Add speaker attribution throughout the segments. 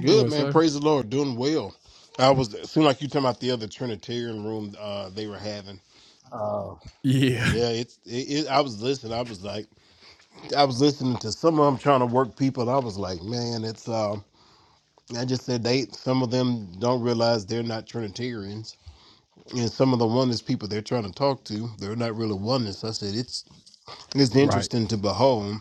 Speaker 1: Good man, praise the Lord, doing well. I was it seemed like you talking about the other Trinitarian room uh, they were having. Uh, yeah, it's it, it. I was listening. I was like, I was listening to some of them trying to work people. And I was like, man, it's. Uh, I just said they. Some of them don't realize they're not Trinitarians, and some of the oneness people they're trying to talk to, they're not really oneness. I said it's it's interesting to behold.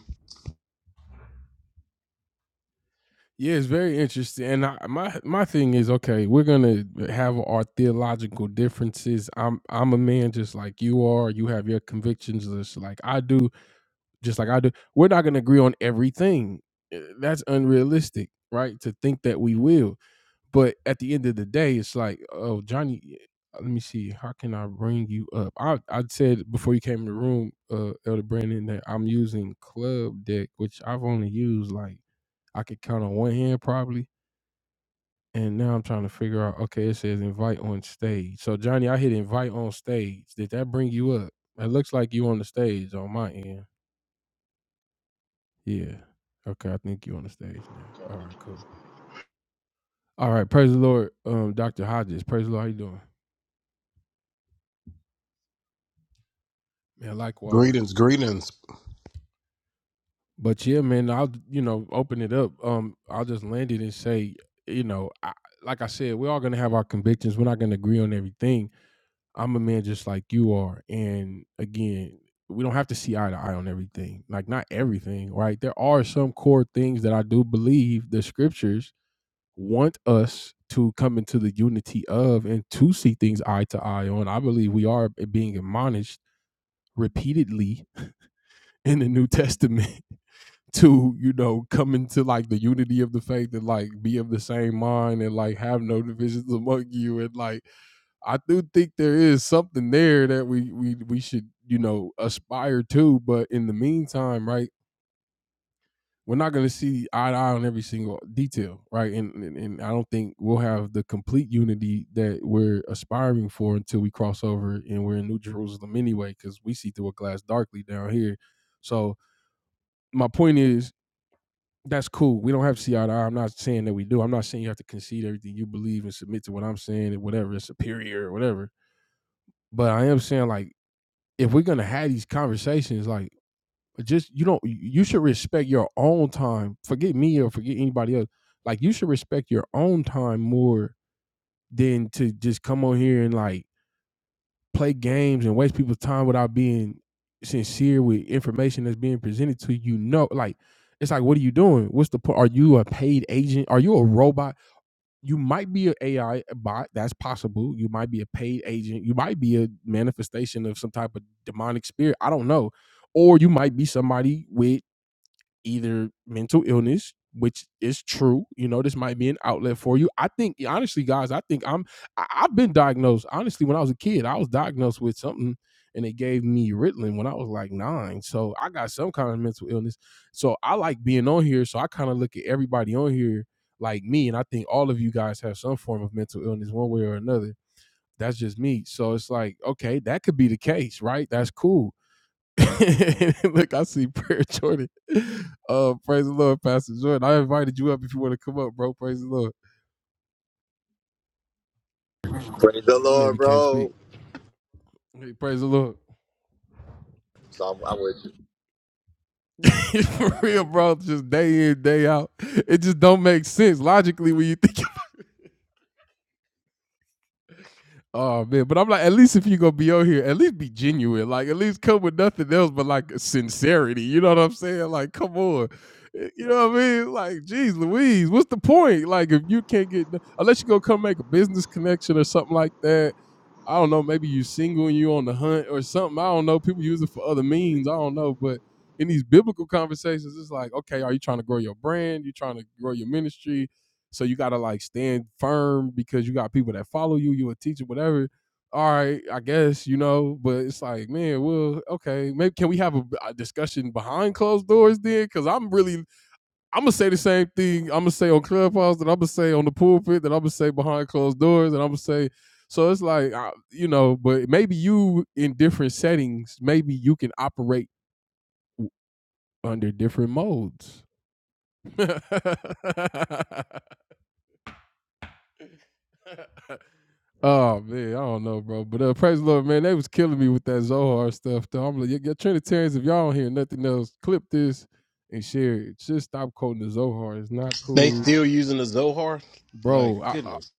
Speaker 1: Greetings, greetings.
Speaker 2: Praise the Lord, bro. So I'm, I'm with
Speaker 1: They still using the Zohar? Like goodness.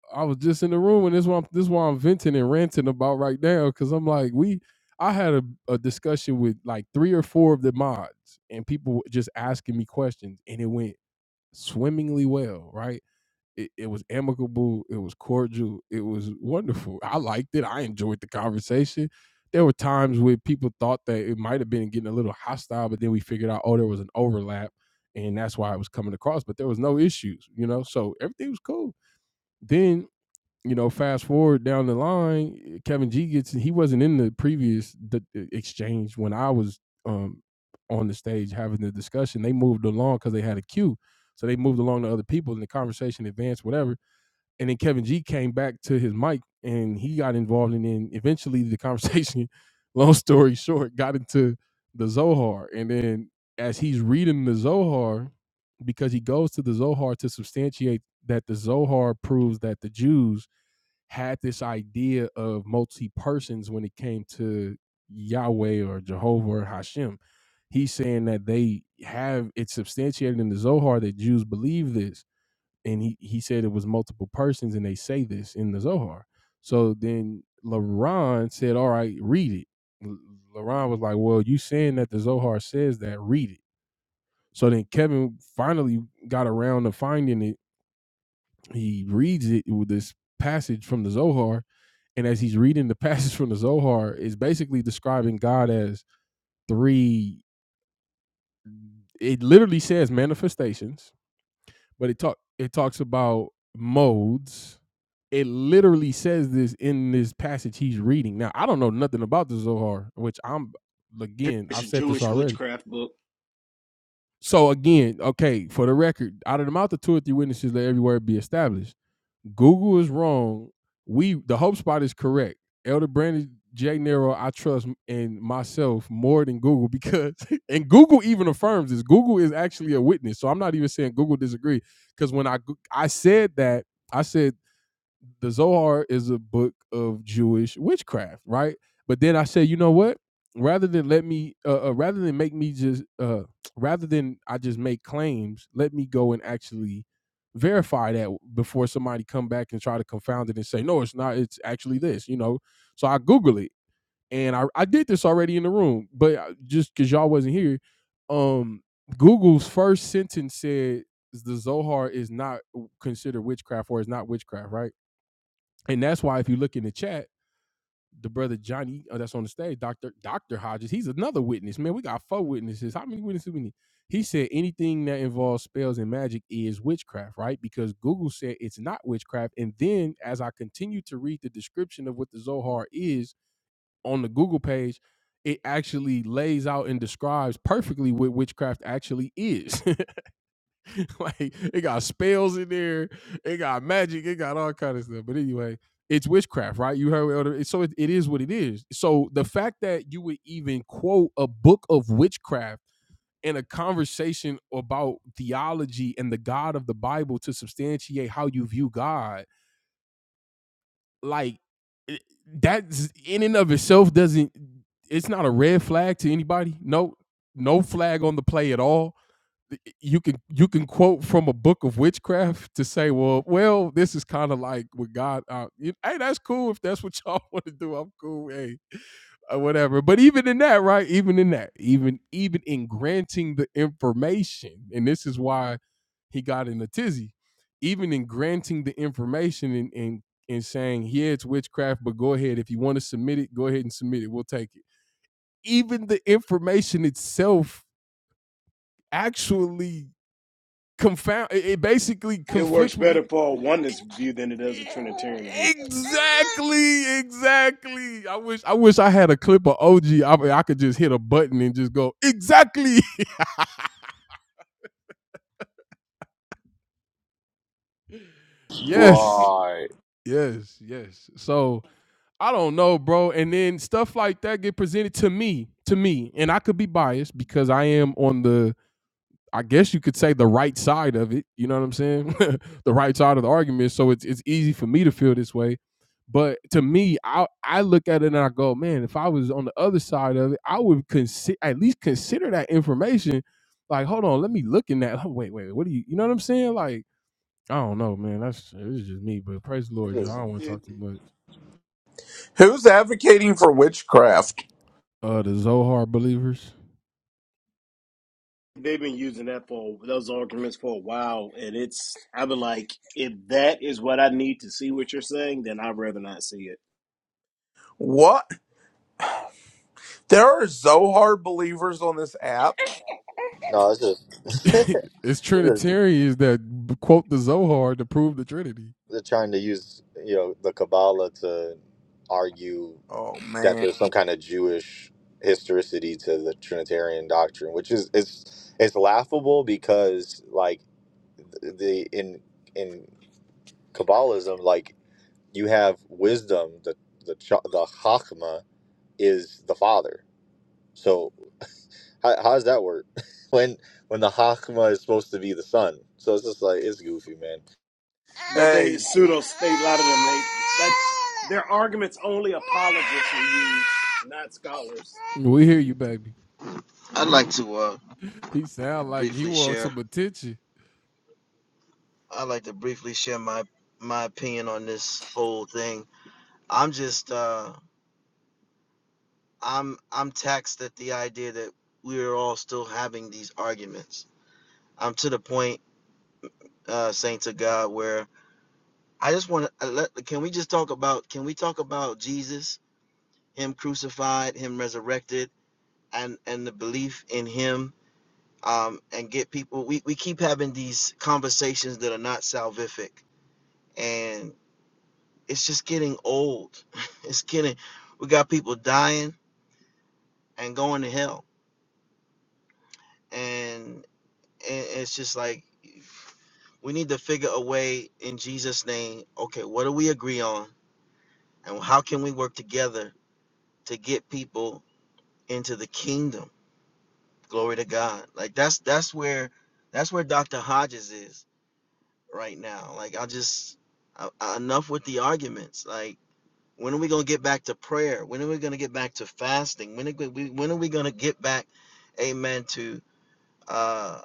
Speaker 1: It's a Jewish witchcraft book. It works better for a oneness view as a Trinitarian view.
Speaker 2: you. Right. It's just,
Speaker 1: It,
Speaker 3: Who's advocating for witchcraft?
Speaker 1: they've been using that for those arguments for a while, and it's I've been like, if that is what I need to see what you're saying, then I'd rather not see it.
Speaker 3: What? There are Zohar believers on this app?
Speaker 2: no, it's just, this is they're trying to use you know the Kabbalah to argue
Speaker 3: Oh,
Speaker 2: that
Speaker 3: man.
Speaker 2: there's some kind of Jewish historicity to the Trinitarian doctrine, which is it's it's laughable because like th- the in in Kabbalism, like you have wisdom, the the cha- the Chachma is the Father. So How, how does that work? when when the Hakma is supposed to be the sun. So it's just like it's goofy, man.
Speaker 1: But they
Speaker 3: Hey,
Speaker 1: pseudo state a lot of them. They like their arguments only apologists will use, not scholars.
Speaker 4: I'd like to uh, briefly share. I'd like to briefly share my my opinion on this whole thing. I'm just uh, I'm I'm taxed at the idea that we're all still having these arguments. I'm to the point, uh, saint to God, where I just want to let. Can we just talk about? Can we talk about Jesus, Him crucified, Him resurrected, and and the belief in Him, um, and get people. We we keep having these conversations that are not salvific, and. it's just getting old. It's getting we got people dying and going to hell. And and it's just like we need to figure a way in Jesus name, okay, what do we agree on and how can we work together to get people into the kingdom? Glory to God. Like that's that's where that's where Dr. Hodges is right now. Like I just I, I- enough with the arguments. Like When are we going to get back to prayer? When are we going to get back to fasting? When are we, when are we going to get back, amen, to uh,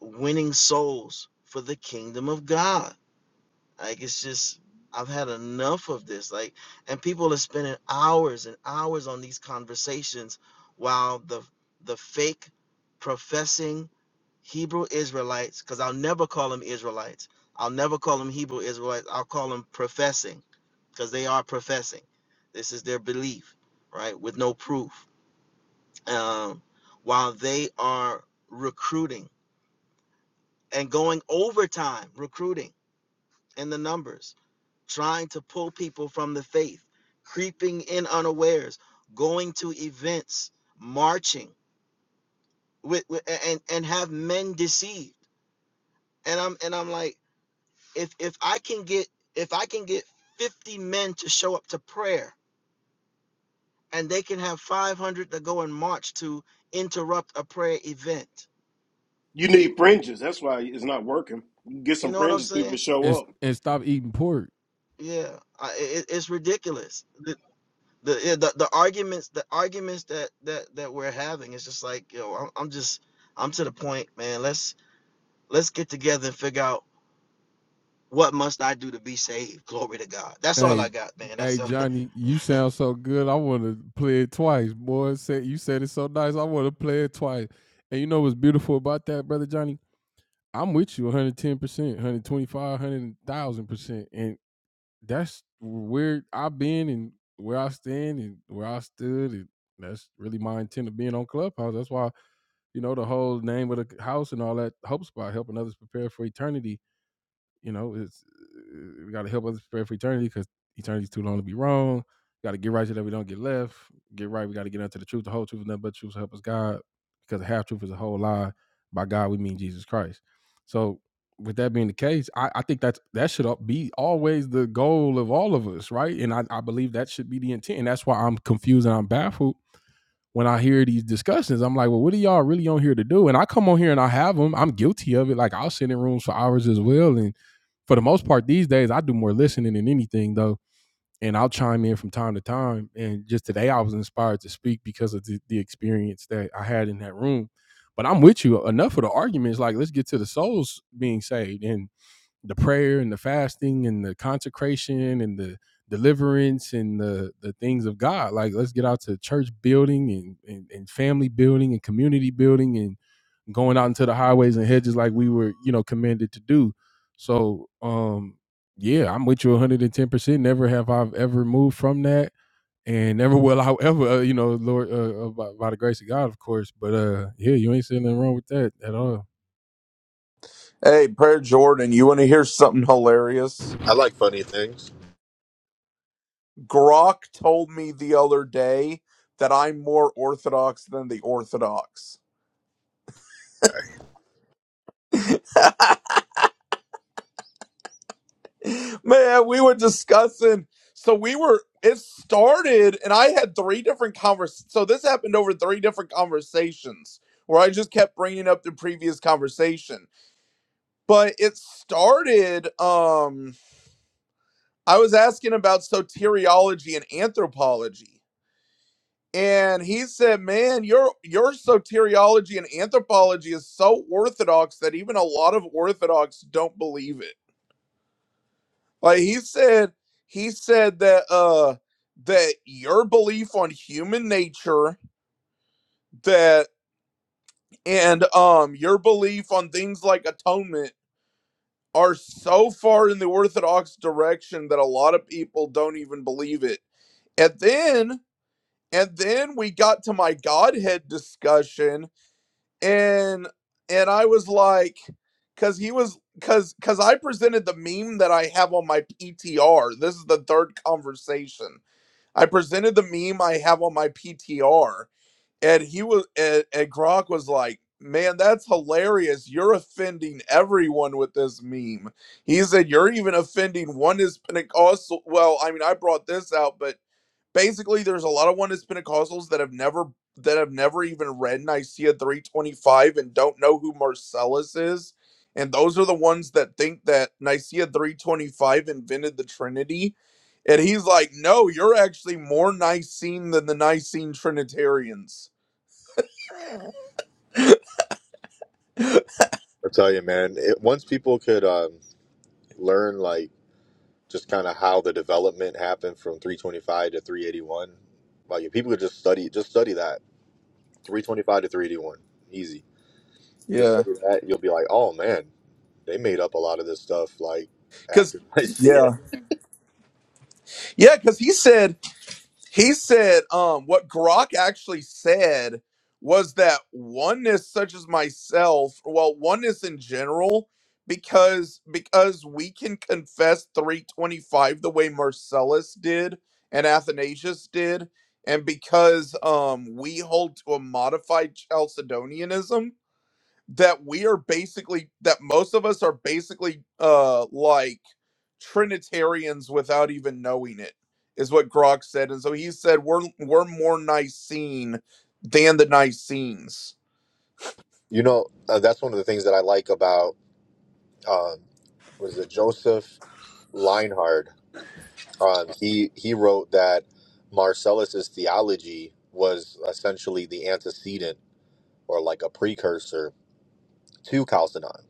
Speaker 4: winning souls for the kingdom of God? Like it's just I've had enough of this. Like and people are spending hours and hours on these conversations while the the fake professing Hebrew Israelites, because I'll never call them Israelites. I'll never call them Hebrew Israelites. I'll call them professing, because they are professing. This is their belief, right? With no proof. Um, while they are recruiting and going overtime recruiting in the numbers trying to pull people from the faith, creeping in unawares, going to events, marching with, with and and have men deceived. And I'm and I'm like, if if I can get if I can get 50 men to show up to prayer and they can have 500 to go and march to interrupt a prayer event.
Speaker 1: You need fringes. That's why it's not working. You get
Speaker 4: You
Speaker 1: some
Speaker 4: know what I'm
Speaker 1: fringes, people
Speaker 4: saying?
Speaker 1: show up.
Speaker 4: Yeah, I, it, it's ridiculous. the yeah, the the arguments the arguments that that that we're having it's just like yo I'm, I'm just i'm to the point man let's let's get together and figure out what must i do to be saved glory to god that's all i got man that's all
Speaker 3: hey, Prayer Jordan, you want to hear something hilarious?
Speaker 2: I like funny things.
Speaker 3: Grok told me the other day that I'm more Orthodox than the Orthodox.
Speaker 2: I'll
Speaker 3: Man, we were discussing. So we were, it started, and I had three different convers. So this happened over three different conversations where I just kept bringing up the previous conversation. but it started um i was asking about soteriology and anthropology and he said man your your soteriology and anthropology is so orthodox that even a lot of orthodox don't believe it like he said he said that uh that your belief on human nature that and um your belief on things like atonement are so far in the orthodox direction that a lot of people don't even believe it. And then and then we got to my godhead discussion and and I was like cuz he was cuz cuz I presented the meme that I have on my PTR. This is the third conversation. I presented the meme I have on my PTR and he was and, and Gronk was like, "Man, that's hilarious! You're offending everyone with this meme." He said, "You're even offending one is Pentecostal." Well, I mean, I brought this out, but basically, there's a lot of one is Pentecostals that have never that have never even read Nicaea 325 and don't know who Marcellus is. And those are the ones that think that Nicaea 325 invented the Trinity. And he's like, no, you're actually more Nicene than the Nicene Trinitarians
Speaker 2: tell you, man. It, once people could um, learn, like, just kind of how the development happened from 325 to 381, like, if people could just study, just study that 325 to 381, easy. You just
Speaker 3: Yeah.
Speaker 2: study that, you'll be like, oh man, they made up a lot of this stuff. Like
Speaker 3: Cause
Speaker 2: after I see it,
Speaker 3: yeah. Yeah, because he said he said um what Grok actually said was that oneness such as myself, well, oneness in general, because because we can confess 325 the way Marcellus did and Athanasius did, and because um we hold to a modified Chalcedonianism, that we are basically that most of us are basically uh like Trinitarians without even knowing it, is what Grok said. And so he said, We're we're more Nicene than the Nicenes.
Speaker 2: you know, uh, that's one of the things that I like about um, was it Joseph? Leinhard, um, he he wrote that Marcellus's theology was essentially the antecedent or like a precursor to Chalcedon.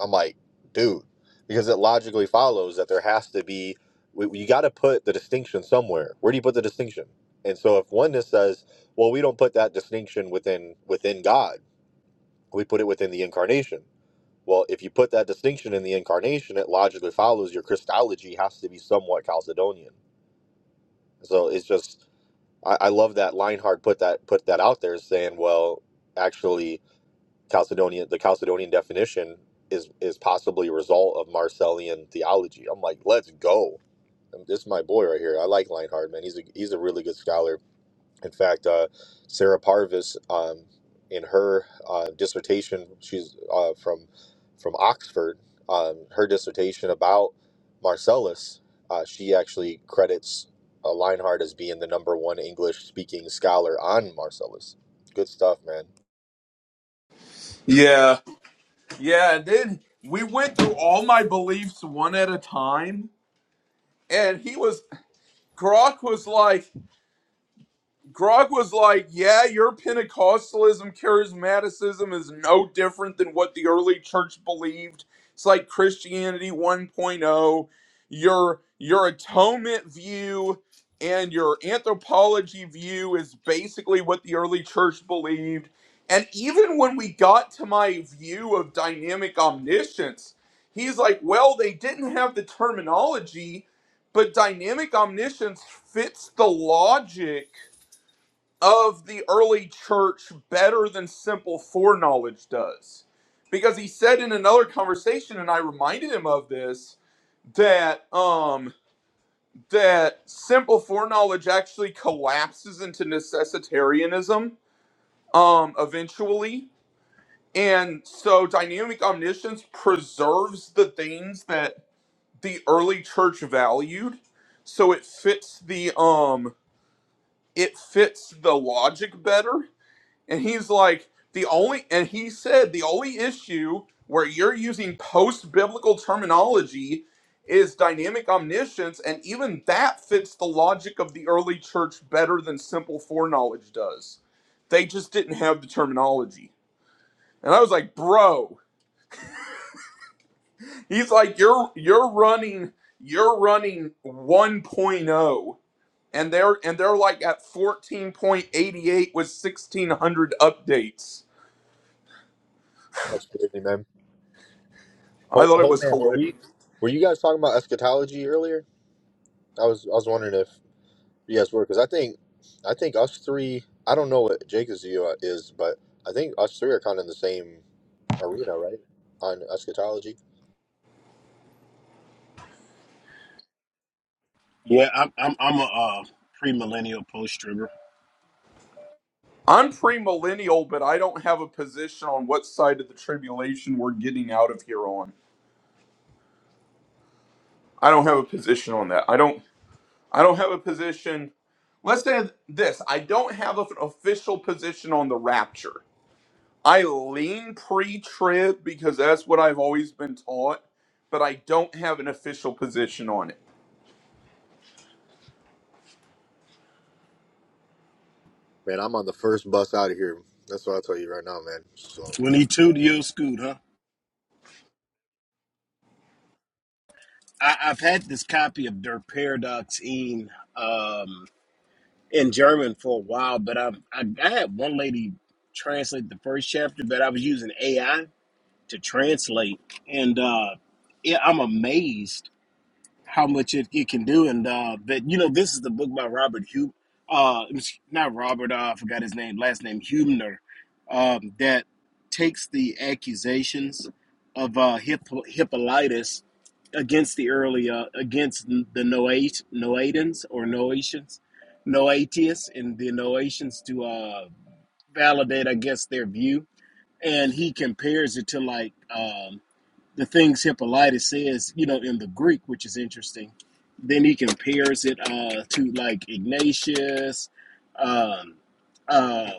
Speaker 2: I'm like, dude, because it logically follows that there has to be we, you got to put the distinction somewhere. Where do you put the distinction? And so if oneness says, well, we don't put that distinction within within God, we put it within the incarnation. Well, if you put that distinction in the incarnation, it logically follows your Christology has to be somewhat Chalcedonian So it's just I, I love that Leinhardt put that put that out there saying, well, actually Chalcedonian the Chalcedonian definition is is possibly a result of Marcellian theology. I'm like, let's go. This is my boy right here. I like Leinhardt, man. He's a he's a really good scholar. In fact, uh, Sarah Parvis, um, in her uh, dissertation, she's uh, from from Oxford. Um, her dissertation about Marcellus, uh, she actually credits uh, Leinhardt as being the number one English-speaking scholar on Marcellus. Good stuff, man.
Speaker 3: Yeah, yeah. And then we went through all my beliefs one at a time, and he was Grok was like. Grog was like, "Yeah, your Pentecostalism, charismaticism is no different than what the early church believed. It's like Christianity 1.0. point oh. Your your atonement view and your anthropology view is basically what the early church believed. And even when we got to my view of dynamic omniscience, he's like, "Well, they didn't have the terminology, but dynamic omniscience fits the logic." of the early church better than simple foreknowledge does. Because he said in another conversation, and I reminded him of this, that um that simple foreknowledge actually collapses into necessitarianism um eventually. And so dynamic omniscience preserves the things that the early church valued. So it fits the um it fits the logic better And he's like, the only, and he said, the only issue where you're using post biblical terminology is dynamic omniscience. And even that fits the logic of the early church better than simple foreknowledge does. They just didn't have the terminology. And I was like, bro, he's like, you're, you're running, you're running 1.0. And they're, and they're like at 14.88 with 1600 updates.
Speaker 2: That's crazy, man.
Speaker 3: I
Speaker 2: Hope,
Speaker 3: thought it
Speaker 2: hope,
Speaker 3: was
Speaker 2: man. Were
Speaker 3: hilarious.
Speaker 2: we were you guys talking about eschatology earlier? I was I was wondering if Yes, we're because I think I think us three. I don't know what Jacob's view uh, is, but I think us three are kind of in the same arena, right? On eschatology.
Speaker 1: Yeah, I'm I'm, I'm a uh, premillennial post trigger.
Speaker 3: I'm premillennial, but I don't have a position on what side of the tribulation we're getting out of here on. I don't have a position on that. I don't. I don't have a position. Let's say this: I don't have an official position on the rapture. I lean pre-trib because that's what I've always been taught, but I don't have an official position on it.
Speaker 2: Man, I'm on the first bus out of here. That's what i tell you right now, man. So
Speaker 1: Twenty two to your scoot, huh? I, I've had this copy of Der Paradox in um, in German for a while, but I, I I had one lady translate the first chapter, but I was using AI to translate, and uh, yeah, I'm amazed how much it, it can do. And uh, that you know, this is the book by Robert Hub, uh, not Robert. Uh, I forgot his name, last name Hubner, um, that takes the accusations of uh, Hippo, Hippolytus against the early uh, against the Noat Noatans or Noatians, Noatius and the Noatians to uh, validate, I guess, their view. And he compares it to like. um, the things Hippolytus says, you know, in the Greek, which is interesting. Then he compares it uh, to like Ignatius. Um, uh,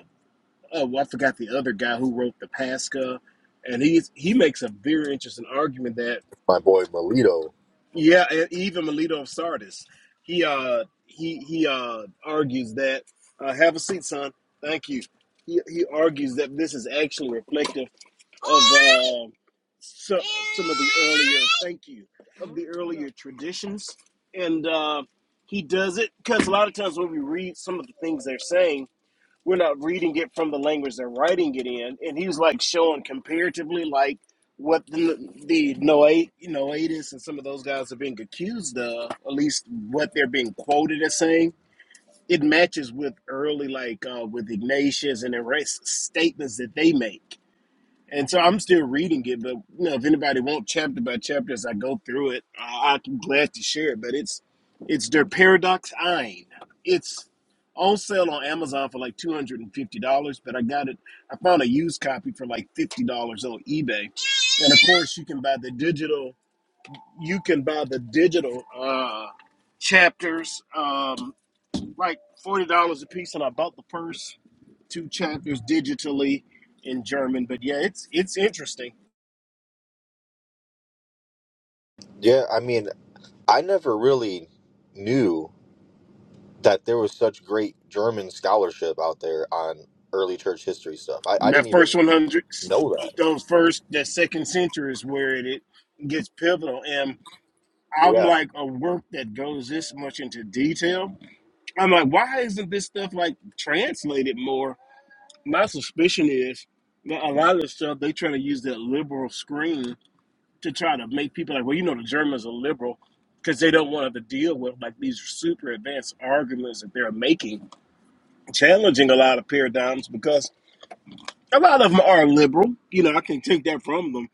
Speaker 1: oh, I forgot the other guy who wrote the Pascha, and he's he makes a very interesting argument that
Speaker 2: my boy Melito.
Speaker 1: yeah, and even Melito of Sardis, he uh he he uh argues that uh, have a seat, son. Thank you. He he argues that this is actually reflective of um so, some of the earlier thank you of the earlier traditions and uh, he does it because a lot of times when we read some of the things they're saying we're not reading it from the language they're writing it in and he was like showing comparatively like what the, the Noah, Noahidus and some of those guys are being accused of, at least what they're being quoted as saying, it matches with early, like uh, with Ignatius and the rest statements that they make and so I'm still reading it, but you know, if anybody wants chapter by chapter as I go through it, I, I'm glad to share it. But it's it's their paradox ein. It's on sale on Amazon for like two hundred and fifty dollars, but I got it. I found a used copy for like fifty dollars on eBay, and of course you can buy the digital. You can buy the digital uh, chapters, um, like forty dollars a piece, and I bought the first two chapters digitally in German. But yeah, it's it's interesting
Speaker 2: Yeah, I mean, I never really knew that there was such great German scholarship out there on early church history stuff. I, I didn't
Speaker 1: that first
Speaker 2: even
Speaker 1: 100
Speaker 2: know that.
Speaker 1: those first that second century is where it, it gets pivotal and i'm
Speaker 2: Yeah,
Speaker 1: like a work that goes this much into detail i'm like why isn't this stuff like translated more my suspicion is that a lot of the stuff they try to use that liberal screen to try to make people like well you know the germans are liberal because they don't want to to deal with like these super advanced arguments that they're making challenging a lot of paradigms because a lot of them are liberal. You know, I can take that from them.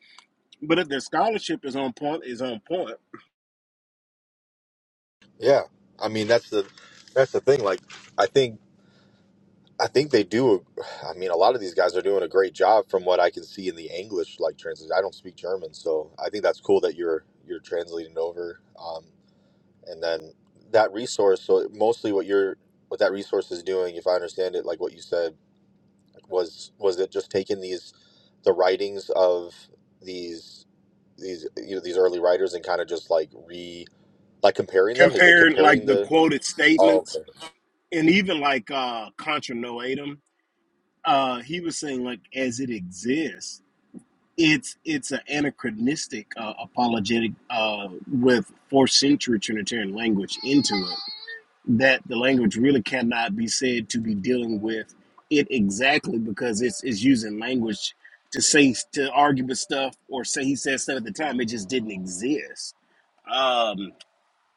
Speaker 1: But if their scholarship is on point, is on point
Speaker 2: yeah. I mean, that's the that's the thing. Like, I think. I think they do. I mean, a lot of these guys are doing a great job from what I can see in the English like translation. I don't speak German, so I think that's cool that you're you're translating over. Um, and then that resource. So mostly what you're what that resource is doing, if I understand it, like what you said, was was it just taking these the writings of these these you know these early writers and kind of just like re like comparing them? Is it
Speaker 1: compared like
Speaker 2: comparing
Speaker 1: the
Speaker 2: the?
Speaker 1: quoted
Speaker 2: Oh,
Speaker 1: statements
Speaker 2: okay.
Speaker 1: and even like uh contra noetum, uh, he was saying like as it exists, it's it's an anachronistic uh, apologetic uh, with fourth century Trinitarian language into it. that the language really cannot be said to be dealing with it exactly because it's it's using language to say to argue with stuff or say he said stuff at the time it just didn't exist. Um,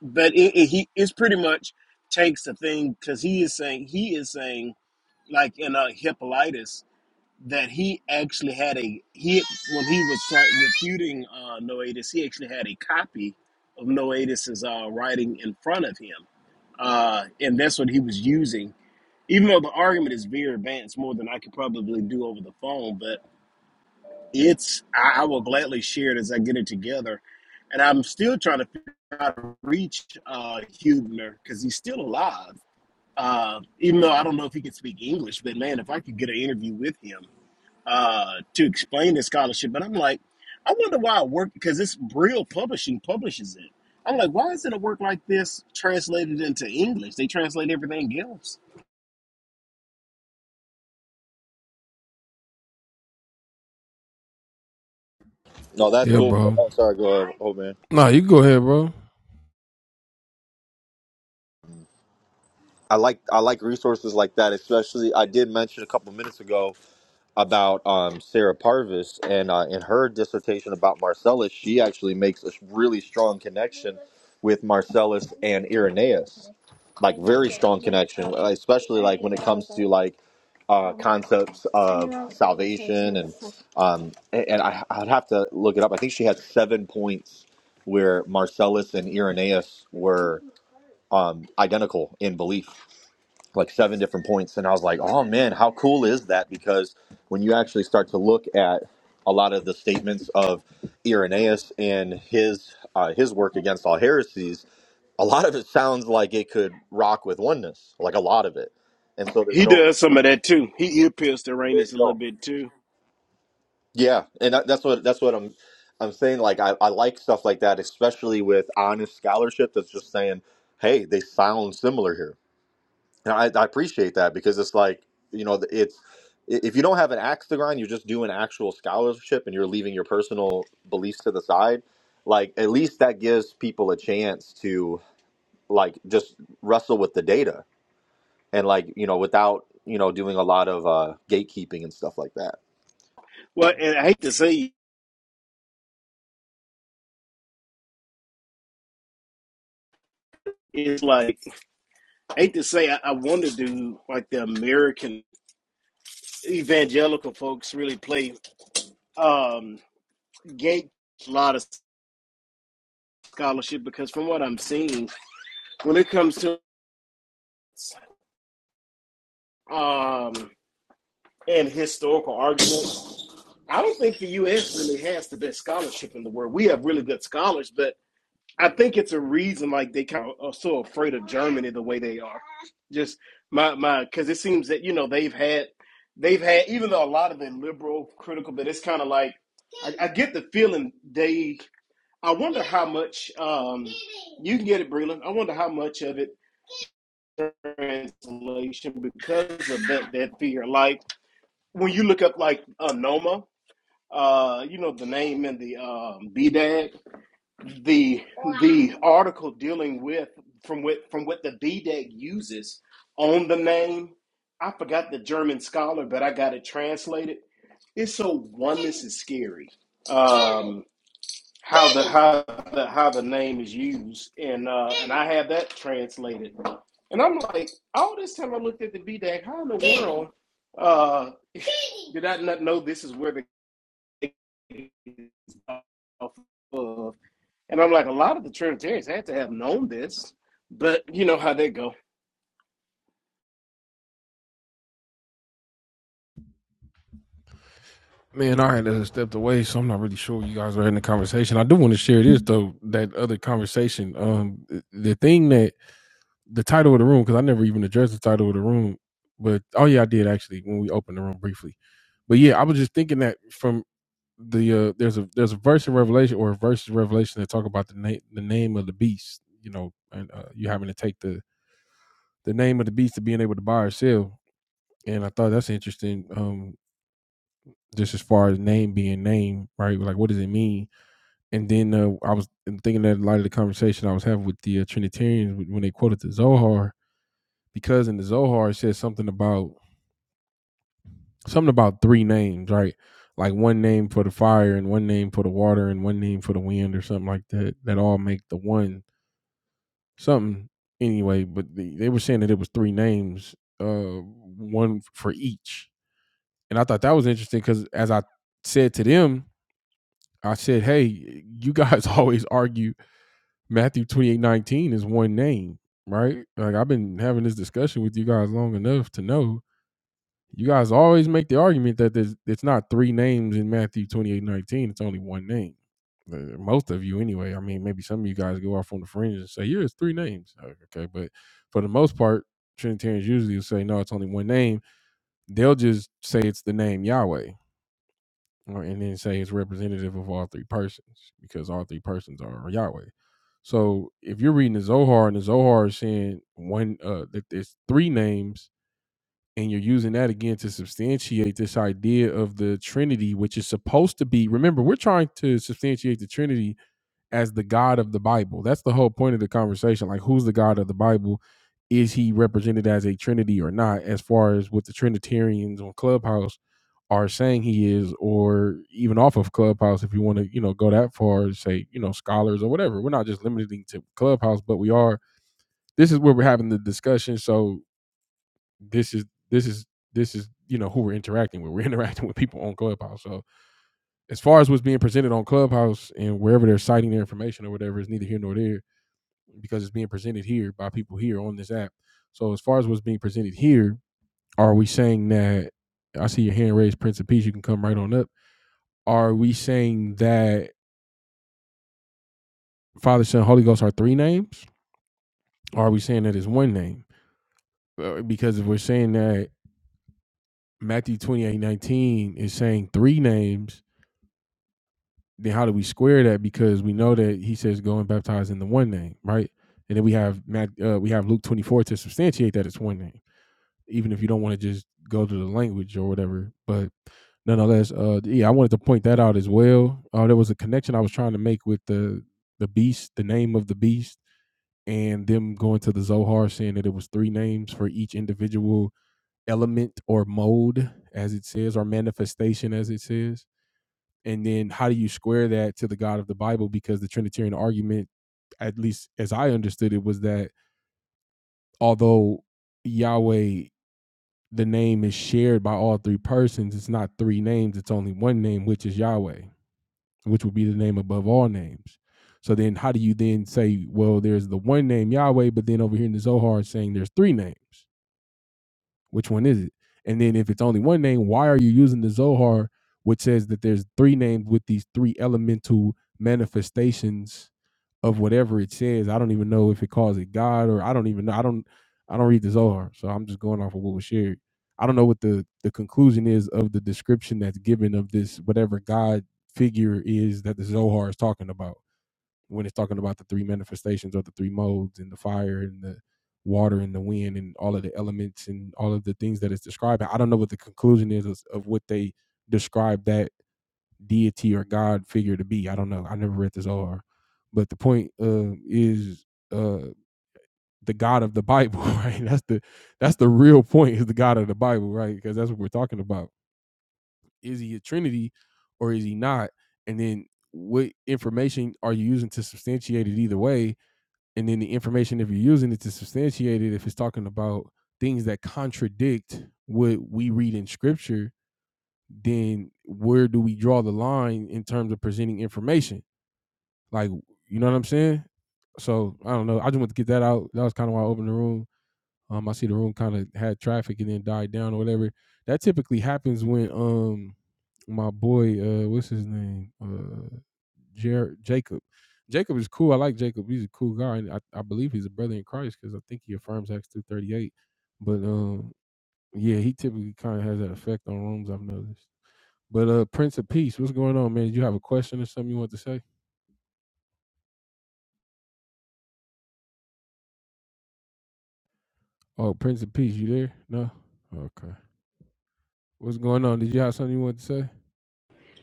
Speaker 1: but it, it, he it's pretty much takes the thing because he is saying he is saying like in uh, Hippolytus that he actually had a he when he was try- refuting uh, Noetus he actually had a copy of Noetus's uh, writing in front of him uh, and that's what he was using. Even though the argument is very advanced, more than I could probably do over the phone, but it's I, I will gladly share it as I get it together. And I'm still trying to figure out how to reach uh, Hubner because he's still alive. Uh, even though I don't know if he can speak English, but man, if I could get an interview with him, uh, to explain the scholarship. But I'm like, I wonder why it worked because it's Brill Publishing publishes it. I'm like, why isn't a work like this translated into English? They translate everything else.
Speaker 2: No, that's cool. Oh, sorry. Go ahead. Oh man. I like I like resources like that, especially I did mention a couple minutes ago about um, Sarah Parvis and uh, in her dissertation about Marcellus, she actually makes a really strong connection with Marcellus and Irenaeus, like very strong connection, uh, especially like when it comes to like uh, concepts of salvation and um, a- and I, I'd have to look it up. I think she had seven points where Marcellus and Irenaeus were um, identical in belief like seven different points and i was like oh man how cool is that because when you actually start to look at a lot of the statements of irenaeus and his uh, his work against all heresies a lot of it sounds like it could rock with oneness like a lot of it and so there's
Speaker 1: He
Speaker 2: no
Speaker 1: does some of that too. He ear pierced
Speaker 2: there
Speaker 1: Uranus
Speaker 2: you
Speaker 1: a little
Speaker 2: go
Speaker 1: bit too.
Speaker 2: yeah and that, that's what that's what i'm i'm saying like I, I like stuff like that especially with honest scholarship that's just saying hey they sound similar here And I, I appreciate that because it's like, you know, it's if you don't have an axe to grind, you're just doing actual scholarship and you're leaving your personal beliefs to the side. Like, at least that gives people a chance to like just wrestle with the data and like, you know, without, you know, doing a lot of uh, gatekeeping and stuff like that.
Speaker 1: Well, and I hate to say it's like I hate to say I, I wonder do like the American evangelical folks really play um gate a lot of scholarship because from what I'm seeing, when it comes to um and historical argument. I don't think the U.S. really has the best scholarship in the world. We have really good scholars, but I think it's a reason like they kind of are so afraid of Germany the way they are. Just my my because it seems that you know they've had they've had even though a lot of it liberal critical, but it's kind of like I, I get the feeling they. I wonder how much um, you can get it, Breland. I wonder how much of it translation because of that that fear. Like when you look up like uh, Noma, uh, you know, the name in the um, BDAG, the the article dealing with from what from what the BDAG uses on the name. I forgot the German scholar, but I got it translated. It's so oneness is scary. Um, how the how the how the name is used, and uh, and I had that translated, and I'm like, all this time I looked at the BDAG, how in the world uh, did I not know this is where the of. And I'm like, a lot of the Trinitarians had to have known this, but you know how they go.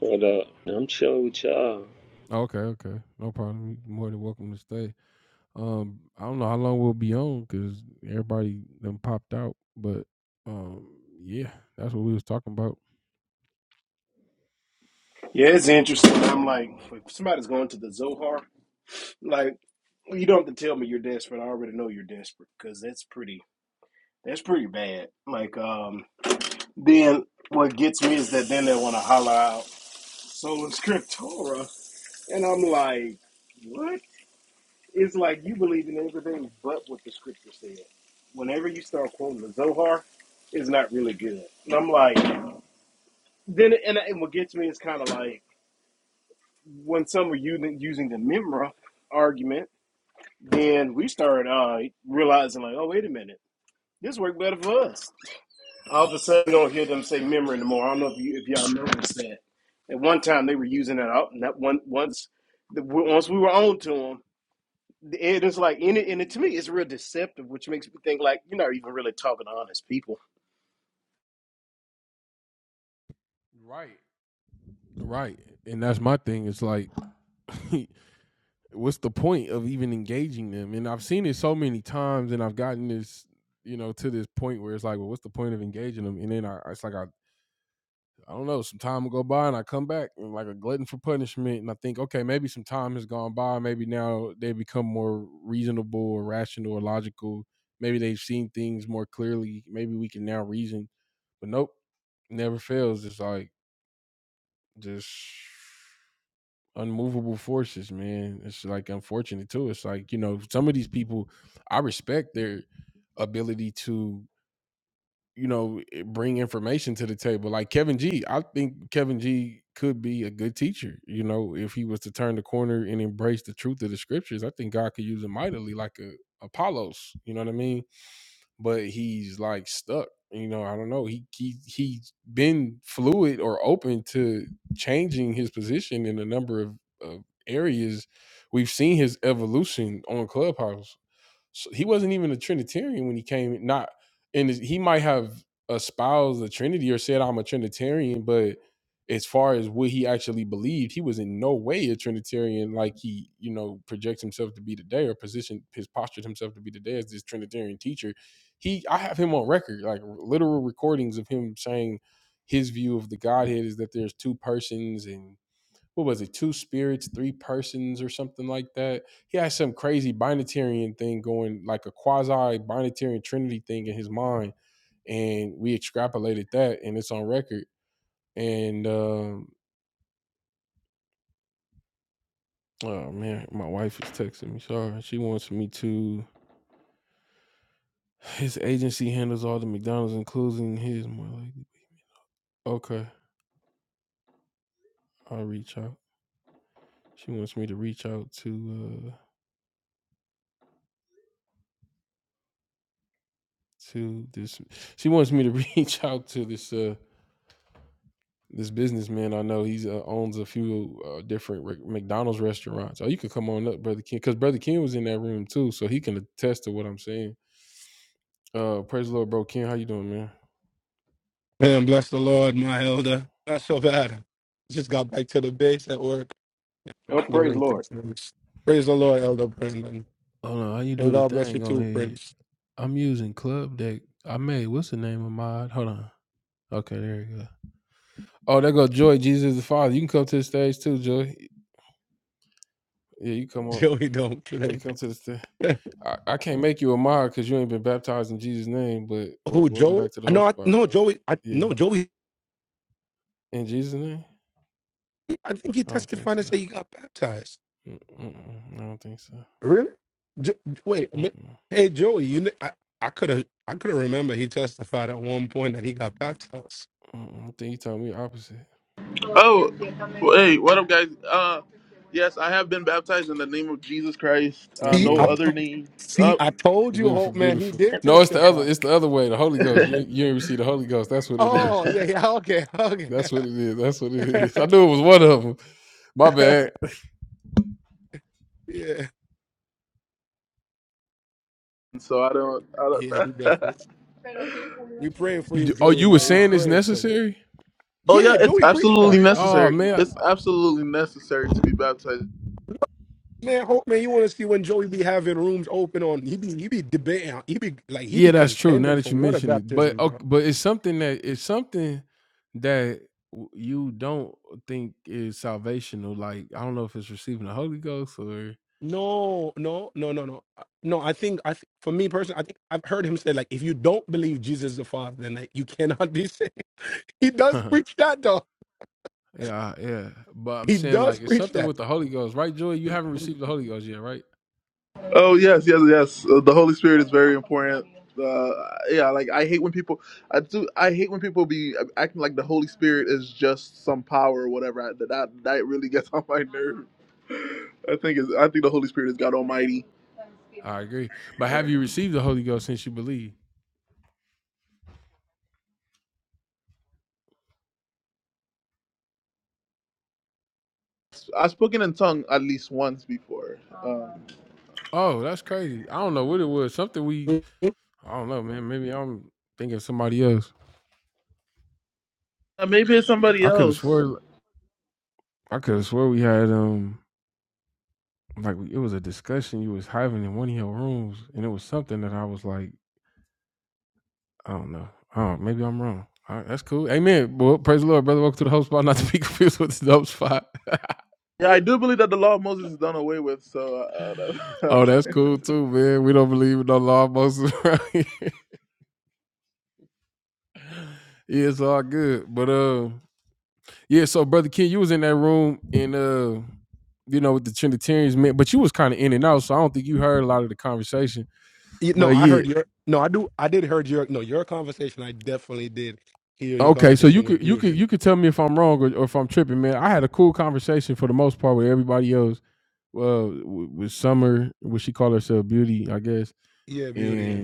Speaker 5: What up? I'm chilling with y'all.
Speaker 1: Yeah, it's interesting. I'm like, if somebody's going to the Zohar, like, you don't have to tell me you're desperate. I already know you're desperate because that's pretty, that's pretty bad. Like, um, then what gets me is that then they want to holler out sola scriptura, and I'm like, what? It's like you believe in everything but what the scripture said. Whenever you start quoting the Zohar, it's not really good. And I'm like, then, and, and what gets me is kind of like when some are using, using the memra argument, then we start uh, realizing, like, oh, wait a minute, this worked better for us. All of a sudden, you don't hear them say memra anymore. I don't know if, you, if y'all noticed that. At one time, they were using it out, and that one once, the, once we were on to them. it is like and it, and it, to me it's real deceptive which makes me think like you're not even really talking to honest people
Speaker 6: Man, bless the Lord, my elder. Not so bad. Just got back to the base at work.
Speaker 1: Oh,
Speaker 6: Give
Speaker 1: praise
Speaker 6: him
Speaker 1: Lord.
Speaker 6: thanks, Lord. Praise the Lord, Elder Brandon. And God bless you too, Prince. Joey don't play. Who, Joey? No, I, no, Joey. I, no, Joey. I think he testified and said he got baptized. Really? Jo- wait. a minute. Hey, Joey. You, kn- I, I could have, I could have remember he testified at one point that he got baptized.
Speaker 7: Oh, hey, what up, guys? Uh, yes, I have been baptized in the name of Jesus Christ. Uh,
Speaker 6: See,
Speaker 7: no
Speaker 6: I, t-
Speaker 7: other name.
Speaker 6: see,
Speaker 7: Up,
Speaker 6: I told you, Hope man. He did testify. Oh, yeah, yeah. Okay, okay. yeah, yeah.
Speaker 7: so I don't.
Speaker 6: He
Speaker 7: I don't.
Speaker 6: definitely. We praying for you, Joey, man. We praying for you.
Speaker 7: oh yeah,
Speaker 6: Yeah,
Speaker 7: it's
Speaker 6: Joey preached that.
Speaker 7: absolutely necessary. It's absolutely necessary to be baptized.
Speaker 6: Man, hope man, you want to see when Joey be having rooms open on? He be he be debating. He be like he be contending for water baptism, bro. No, no, no, no, no, Uh, no. I think I th- for me personally, I think I've heard him say like, if you don't believe Jesus is the Father, then like, you cannot be saved. He does preach that though. He does preach that.
Speaker 7: Oh yes, yes, yes. Uh, the Holy Spirit is very important. Uh, yeah, like I hate when people. I do. I hate when people be acting like the Holy Spirit is just some power or whatever. I, that that really gets on my nerve. I think is. I think the Holy Spirit is God Almighty. I've spoken in tongue at least once before. Um, uh, maybe it's somebody else. Yeah, I do believe that the law of Moses is done away with. So uh, uh,
Speaker 6: You, no, I heard your. No, I do. I did heard your. No, your conversation. I definitely did hear your conversation with Beauty. Yeah, Beauty.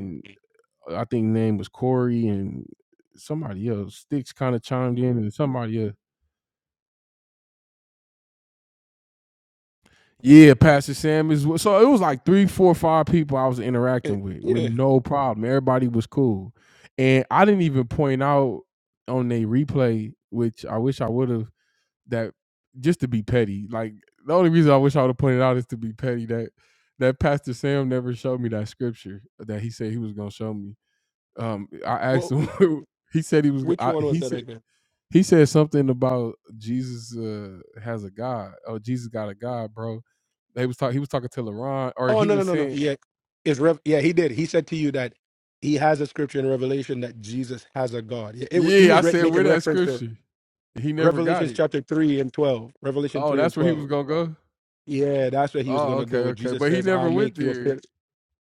Speaker 6: Yeah. Eh, yeah. Well, wh- which one was that again? Oh no, no, no, no. Yeah, it's Rev. Yeah, he did. He said to you that he has a scripture in Revelation that Jesus has a God. Yeah, it, wa- he was re- making reference to Revelations chapter three and twelve. Revelation three and twelve. Yeah, that's where he was gonna go. Where Jesus says, "I'll make you a pillar."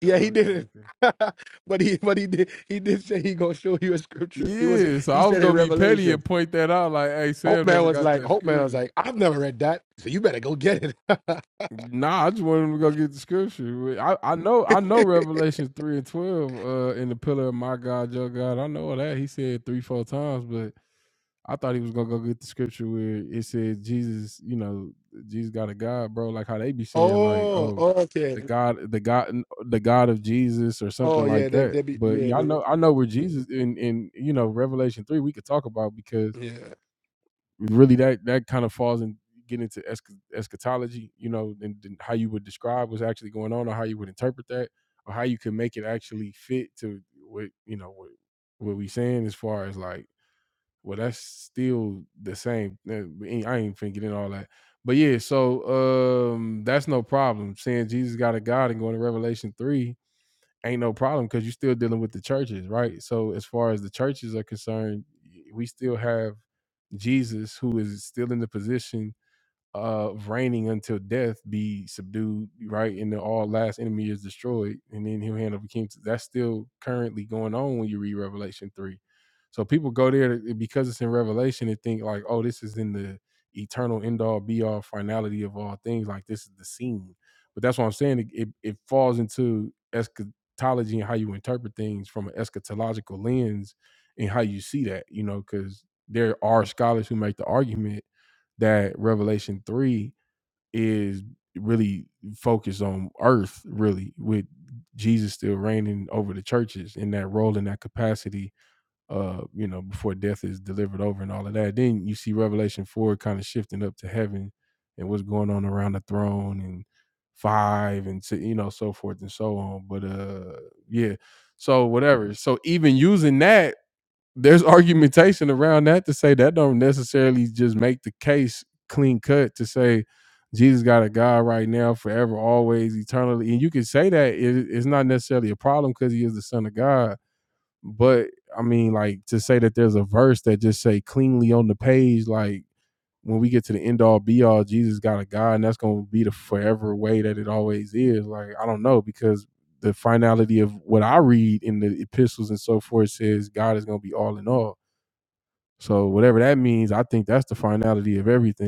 Speaker 6: Yeah, he didn't. but he but he did he did say he gonna show you a scripture. He was he said in Revelation. Hope man was like Hope man was like I've never read that, so you better go get it. oh, oh, okay. Oh yeah, they they be yeah they, yeah.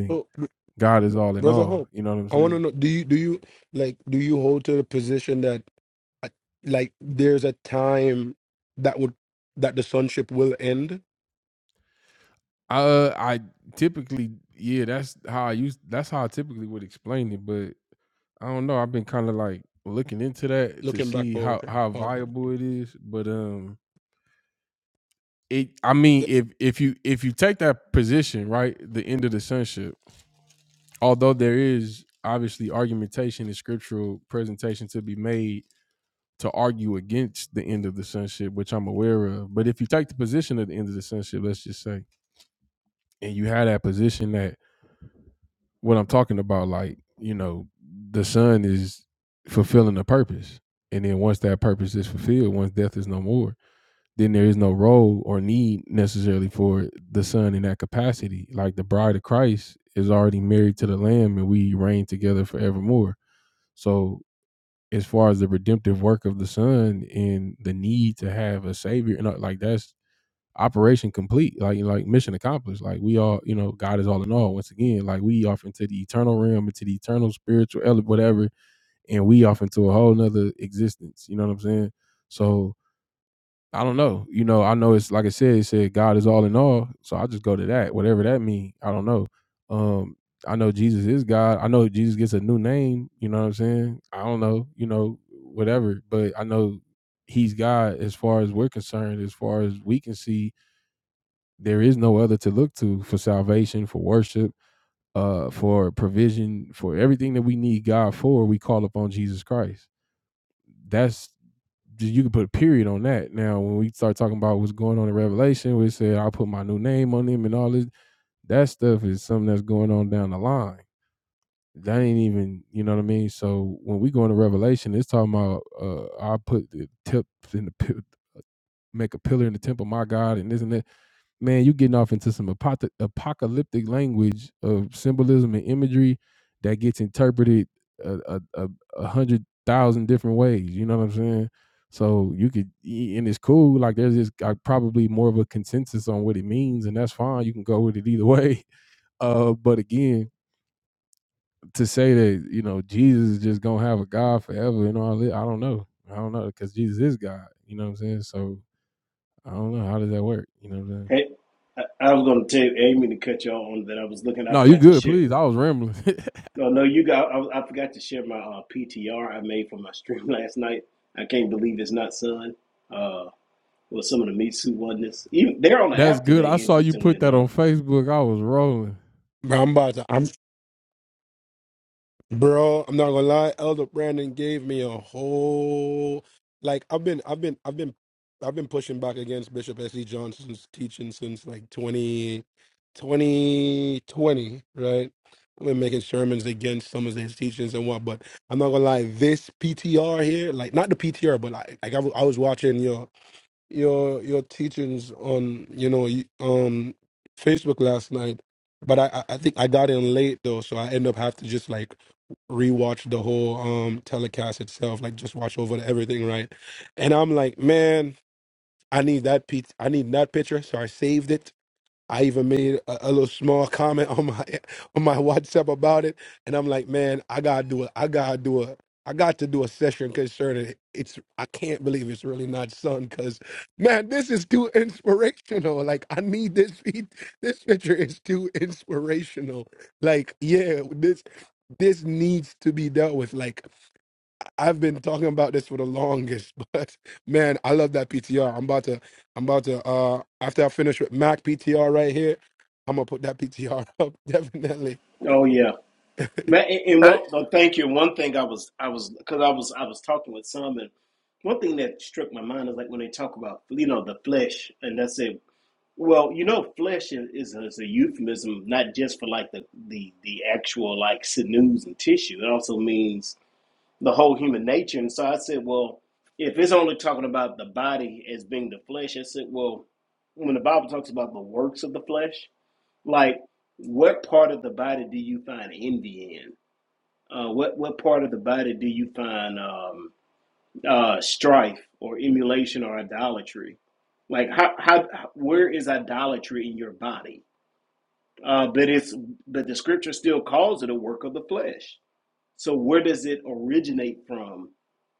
Speaker 6: Oh, brother Hope, I want to know do you do you like do you hold to the position that uh, like there's a time that would that the sonship will end? Looking back over, over.
Speaker 1: Hey, I, I was going to tell you, I didn't mean to cut you on that. I was looking, I forgot to share. No, no, you got, I, I forgot to share my uh, PTR I made for my stream last night. I can't believe it's not Sun. Uh, well, some of the Me Too oneness. Even, they're on the app today, interestingly enough.
Speaker 6: I'm about to. I'm Bro, I'm not gonna lie, Elder Brandon gave me a whole like I've been I've been I've been I've been pushing back against Bishop S.E. Johnson's teaching since like 20, 2020, right? I've been making sermons against some of his teachings and what, but I'm not gonna lie, this PTR here, like not the PTR, but like, like I, w- I was watching, yo your your teachings on you know y- um Facebook last night, but I I I think I got in late though, so I end up have to just like rewatch the whole um telecast itself, like just watch over everything, right? And I'm like, man, I need that pic. I need that picture, so I saved it I even made a, a little small comment on my on my WhatsApp about it, and I'm like, man, I gotta do it. I gotta do it. I got to do a session concerning it. It's I can't believe it's really not son, because man, this is too inspirational. Like I need this. pe- This picture is too inspirational. Like yeah, this this needs to be dealt with. Like I've been talking about this for the longest, but man, I love that PTR. I'm about to, I'm about to. Uh, after I finish with Mac PTR right here, I'm gonna put that PTR up definitely.
Speaker 1: Oh, yeah. Man, and and
Speaker 3: Hey,
Speaker 1: one, oh, thank you. One thing I was, I was, because I was, I was talking with some, and one thing that struck my mind is like when they talk about, you know, the flesh, and that's it. Well, you know, flesh is, is, a, is a euphemism, not just for like the, the the actual like sinews and tissue. It also means the whole human nature. And so I said, well, if it's only talking about the body as being the flesh, I said, well, when the Bible talks about the works of the flesh, like what part of the body do you find envy in? Uh, what what part of the body do you find um, uh, strife or emulation or idolatry? Like how, how where is idolatry in your body? Uh, but it's but the scripture still calls it a work of the flesh. So where does it originate from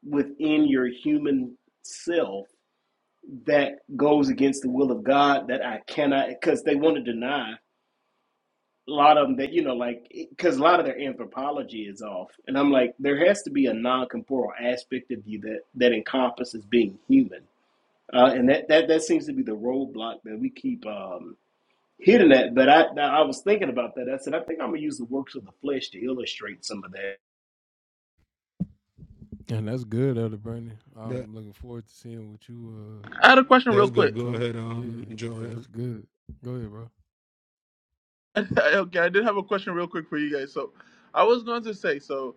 Speaker 1: within your human self that goes against the will of God that I cannot because they want to deny a lot of them that you know like because a lot of their anthropology is off and i'm like there has to be a non-corporeal aspect of you that that encompasses being human uh, and that, that that seems to be the roadblock that we keep um hitting at but i i was thinking about that i said i think i'm gonna use the works of the flesh to illustrate some of that
Speaker 6: That
Speaker 7: I had a question real
Speaker 6: that's good.
Speaker 7: quick.
Speaker 6: Go ahead, um, Joey.
Speaker 7: okay, I did have a question real quick for you guys. So I was going to say, so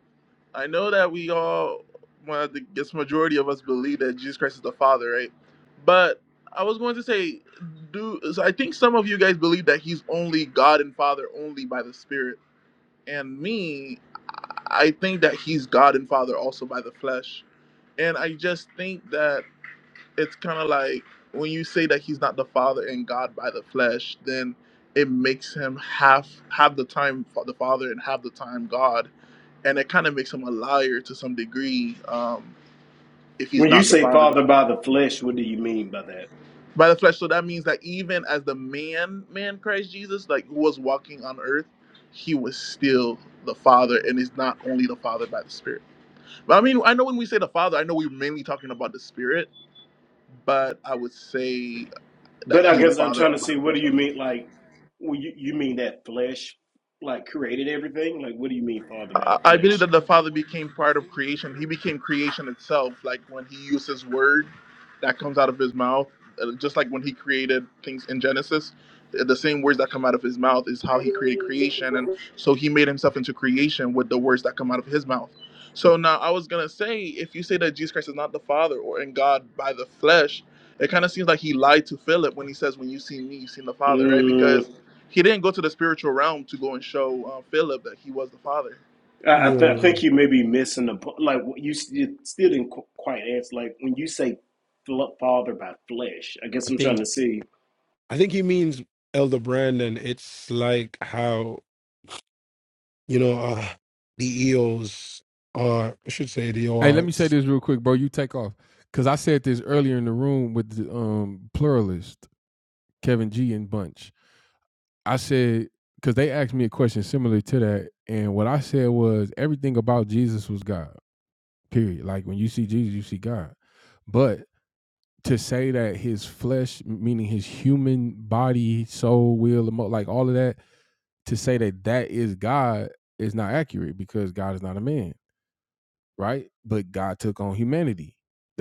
Speaker 7: I know that we all, well, the guess majority of us believe that Jesus Christ is the Father, right? But I was going to say, do so I think some of you guys believe that He's only God and Father only by the Spirit, and me. I think that he's God and Father also by the flesh. And I just think that it's kind of like when you say that he's not the Father and God by the flesh, then it makes him half half the time fa- the Father and half the time God, and it kind of makes him a liar to some degree um, if he's
Speaker 1: when you
Speaker 7: not the
Speaker 1: say
Speaker 7: Father by
Speaker 1: father
Speaker 7: the,
Speaker 1: by the flesh what do you mean by that
Speaker 7: by the flesh. So that means that even as the man, man Christ Jesus, like who was walking on earth, he was still the Father, and is not only the Father by the Spirit. I mean, I know when we say the Father, I know we're mainly talking about the Spirit, but I would say that
Speaker 1: but i
Speaker 7: He's the
Speaker 1: guess i'm
Speaker 7: Father
Speaker 1: trying to
Speaker 7: of by
Speaker 1: see
Speaker 7: the
Speaker 1: what do
Speaker 7: flesh.
Speaker 1: you mean like well, you, you mean that flesh like created everything like what do you mean father by the
Speaker 7: I I believe
Speaker 1: flesh
Speaker 7: that the Father became part of creation. He became creation itself. Like when He used His word, that comes out of His mouth. Uh, Just like when He created things in Genesis, th- the same words that come out of His mouth is how He created creation. And so He made Himself into creation with the words that come out of His mouth. So now I was gonna say, if you say that Jesus Christ is not the Father or in God by the flesh, it kind of seems like He lied to Philip when He says, "When you see Me, you've seen the Father," right?
Speaker 1: Mm.
Speaker 7: Because He didn't go to the spiritual realm to go and show uh, Philip that He was the Father
Speaker 1: I, I, th- I
Speaker 6: Yeah,
Speaker 1: think you may be missing the po- like you, you still didn't qu- quite answer. Like when you say fl- father by flesh, I guess
Speaker 6: I
Speaker 1: I'm
Speaker 6: think
Speaker 1: trying to see.
Speaker 6: I think he means Elder Brandon. It's like how you know uh, the EOs are. I should say the ORs.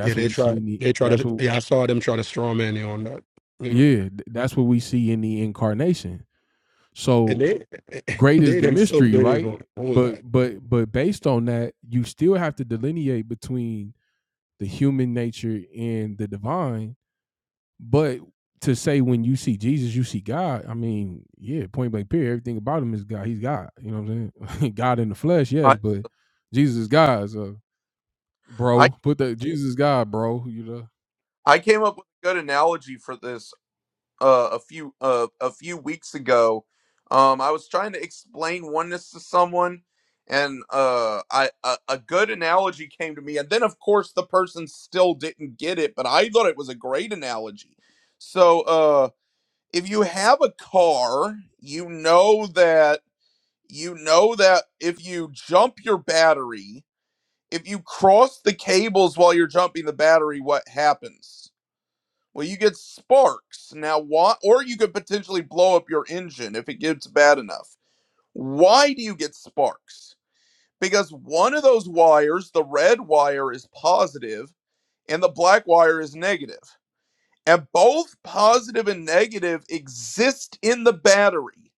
Speaker 6: Yeah, they try. They try to. Yeah, I saw them try to strawman you on that. Yeah. and they they themselves don't even hold that.
Speaker 3: I, I I came up with a good analogy for this uh, a few uh, a few weeks ago. Um, I was trying to explain oneness to someone, and uh, I a, a good analogy came to me, and then of course the person still didn't get it, but I thought it was a great analogy. So uh, if you have a car, you know that you know that if you jump your battery, if you cross the cables while you're jumping the battery, what happens? Well, you get sparks. Now, why? Or you could potentially blow up your engine if it gets bad enough. Why do you get sparks? Because one of those wires, the red wire, is positive and the black wire is negative. And both positive and negative exist in the battery.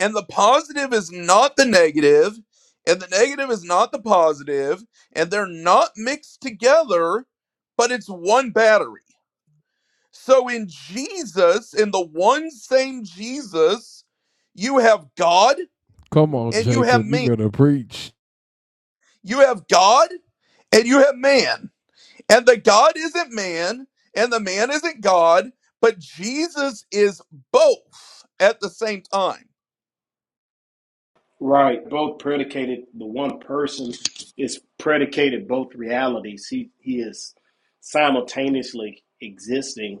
Speaker 3: And the positive is not the negative, and the negative is not the positive, and they're not mixed together, but it's one battery. So in Jesus, in the one same Jesus, you have God and you have man. You have God and you have man. And the God isn't man and the man isn't God, but Jesus is both at the same time.
Speaker 1: Right, both predicated. The one person is predicated both realities. He he is simultaneously existing,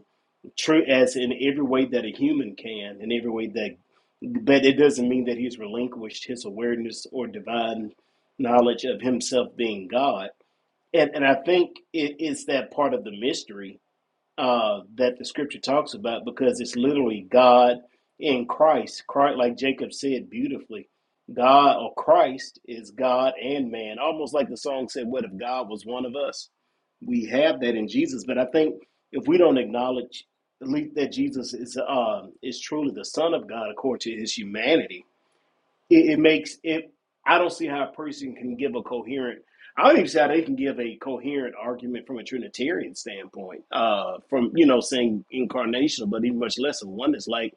Speaker 1: true as in every way that a human can, in every way that. But it doesn't mean that he's relinquished his awareness or divine knowledge of himself being God And and I think it is that part of the mystery uh, that the scripture talks about because it's literally God in Christ. Christ, like Jacob said beautifully, God or Christ is God and man. Almost like the song said, "What if God was one of us?" We have that in Jesus, but I think if we don't acknowledge at least that Jesus is uh, is truly the Son of God according to His humanity it, it makes it i don't see how a person can give a coherent i don't even see how they can give a coherent argument from a trinitarian standpoint uh from you know saying incarnational but even much less of one that's like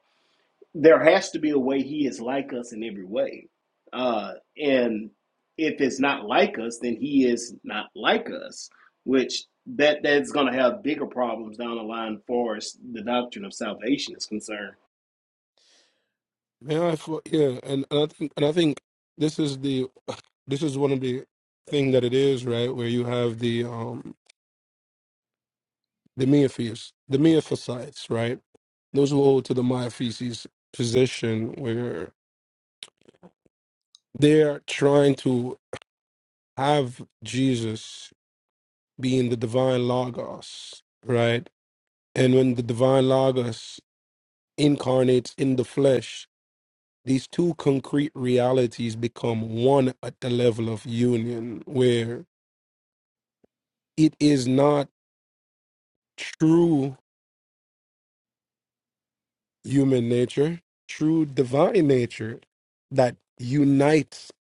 Speaker 1: there has to be a way he is like us in every way uh and if it's not like us then he is not like us which that that's going to have bigger problems down the line for us. the doctrine of salvation is concerned
Speaker 6: Man, I thought, yeah, and, and I think and I think this is the this is one of the thing that it is right where you have the um the Miaphysites, the Miaphysites, right? Those who hold to the Miaphysis position where they're trying to have Jesus being the divine logos, right? And when the divine logos incarnates in the flesh, these two concrete realities become one at the level of union, where it is not true human nature, true divine nature that unites,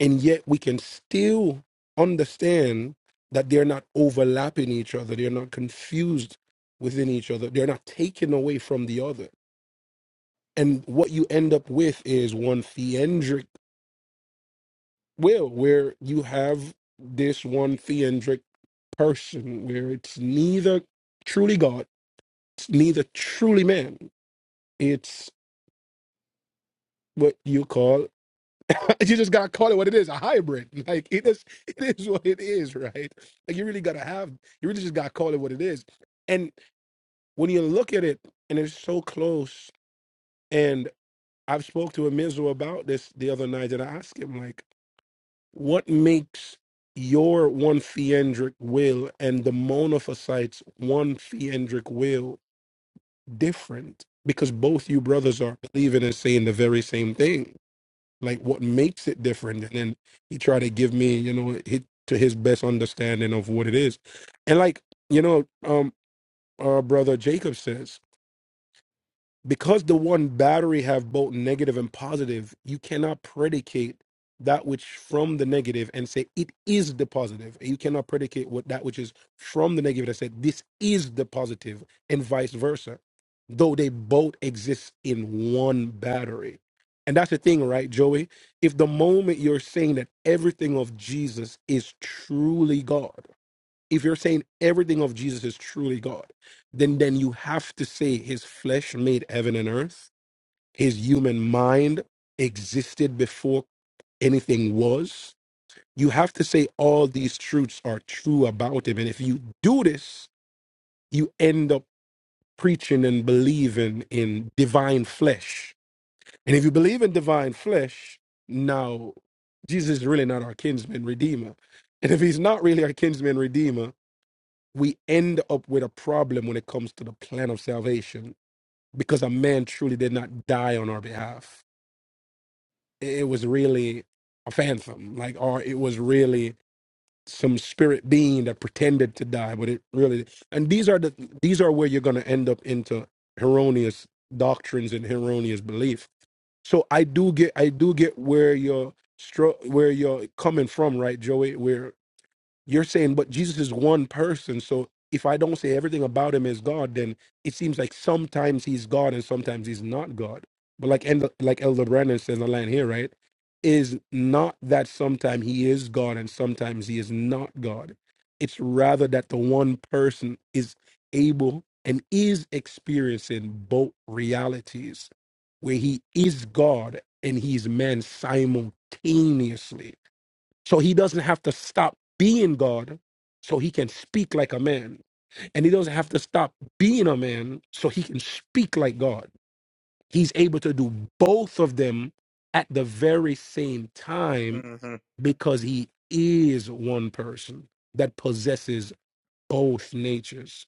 Speaker 6: and yet we can still understand that they're not overlapping each other, they're not confused within each other, they're not taken away from the other. And what you end up with is one theendric will, where you have this one theendric person where it's neither truly God, it's neither truly man. It's what you call you just gotta call it what it is, a hybrid. Like it is it is what it is, right? Like you really gotta have you really just gotta call it what it is. And when you look at it and it's so close, and I've spoke to a Mizu about this the other night and I asked him like, what makes your one theandric will and the monophysites one theandric will different because both you brothers are believing and saying the very same thing. Like what makes it different? And then he tried to give me, you know, hit to his best understanding of what it is. And like, you know, um our brother Jacob says because the one battery have both negative and positive you cannot predicate that which from the negative and say it is the positive you cannot predicate what that which is from the negative and say this is the positive and vice versa though they both exist in one battery and that's the thing right joey if the moment you're saying that everything of jesus is truly god if you're saying everything of Jesus is truly God, then then you have to say his flesh made heaven and earth, his human mind existed before anything was. You have to say all these truths are true about him. And if you do this, you end up preaching and believing in divine flesh. And if you believe in divine flesh, now Jesus is really not our kinsman redeemer. And if he's not really our kinsman redeemer, we end up with a problem when it comes to the plan of salvation because a man truly did not die on our behalf. It was really a phantom, like, or it was really some spirit being that pretended to die, but it really. And these are the these are where you're going to end up into erroneous doctrines and erroneous belief. So I do get I do get where you're stro- where you're coming from, right, Joey? Where you're saying, but Jesus is one person. So if I don't say everything about him is God, then it seems like sometimes he's God and sometimes he's not God. But like End- like Elder Brandon says in the line here, right? Is not that sometimes he is God and sometimes he is not God. It's rather that the one person is able and is experiencing both realities, where he is God and he's man simultaneously so he doesn't have to stop being God so he can speak like a man. And he doesn't have to stop being a man so he can speak like God. He's able to do both of them at the very same time
Speaker 3: Mhm.
Speaker 6: because he is one person that possesses both natures.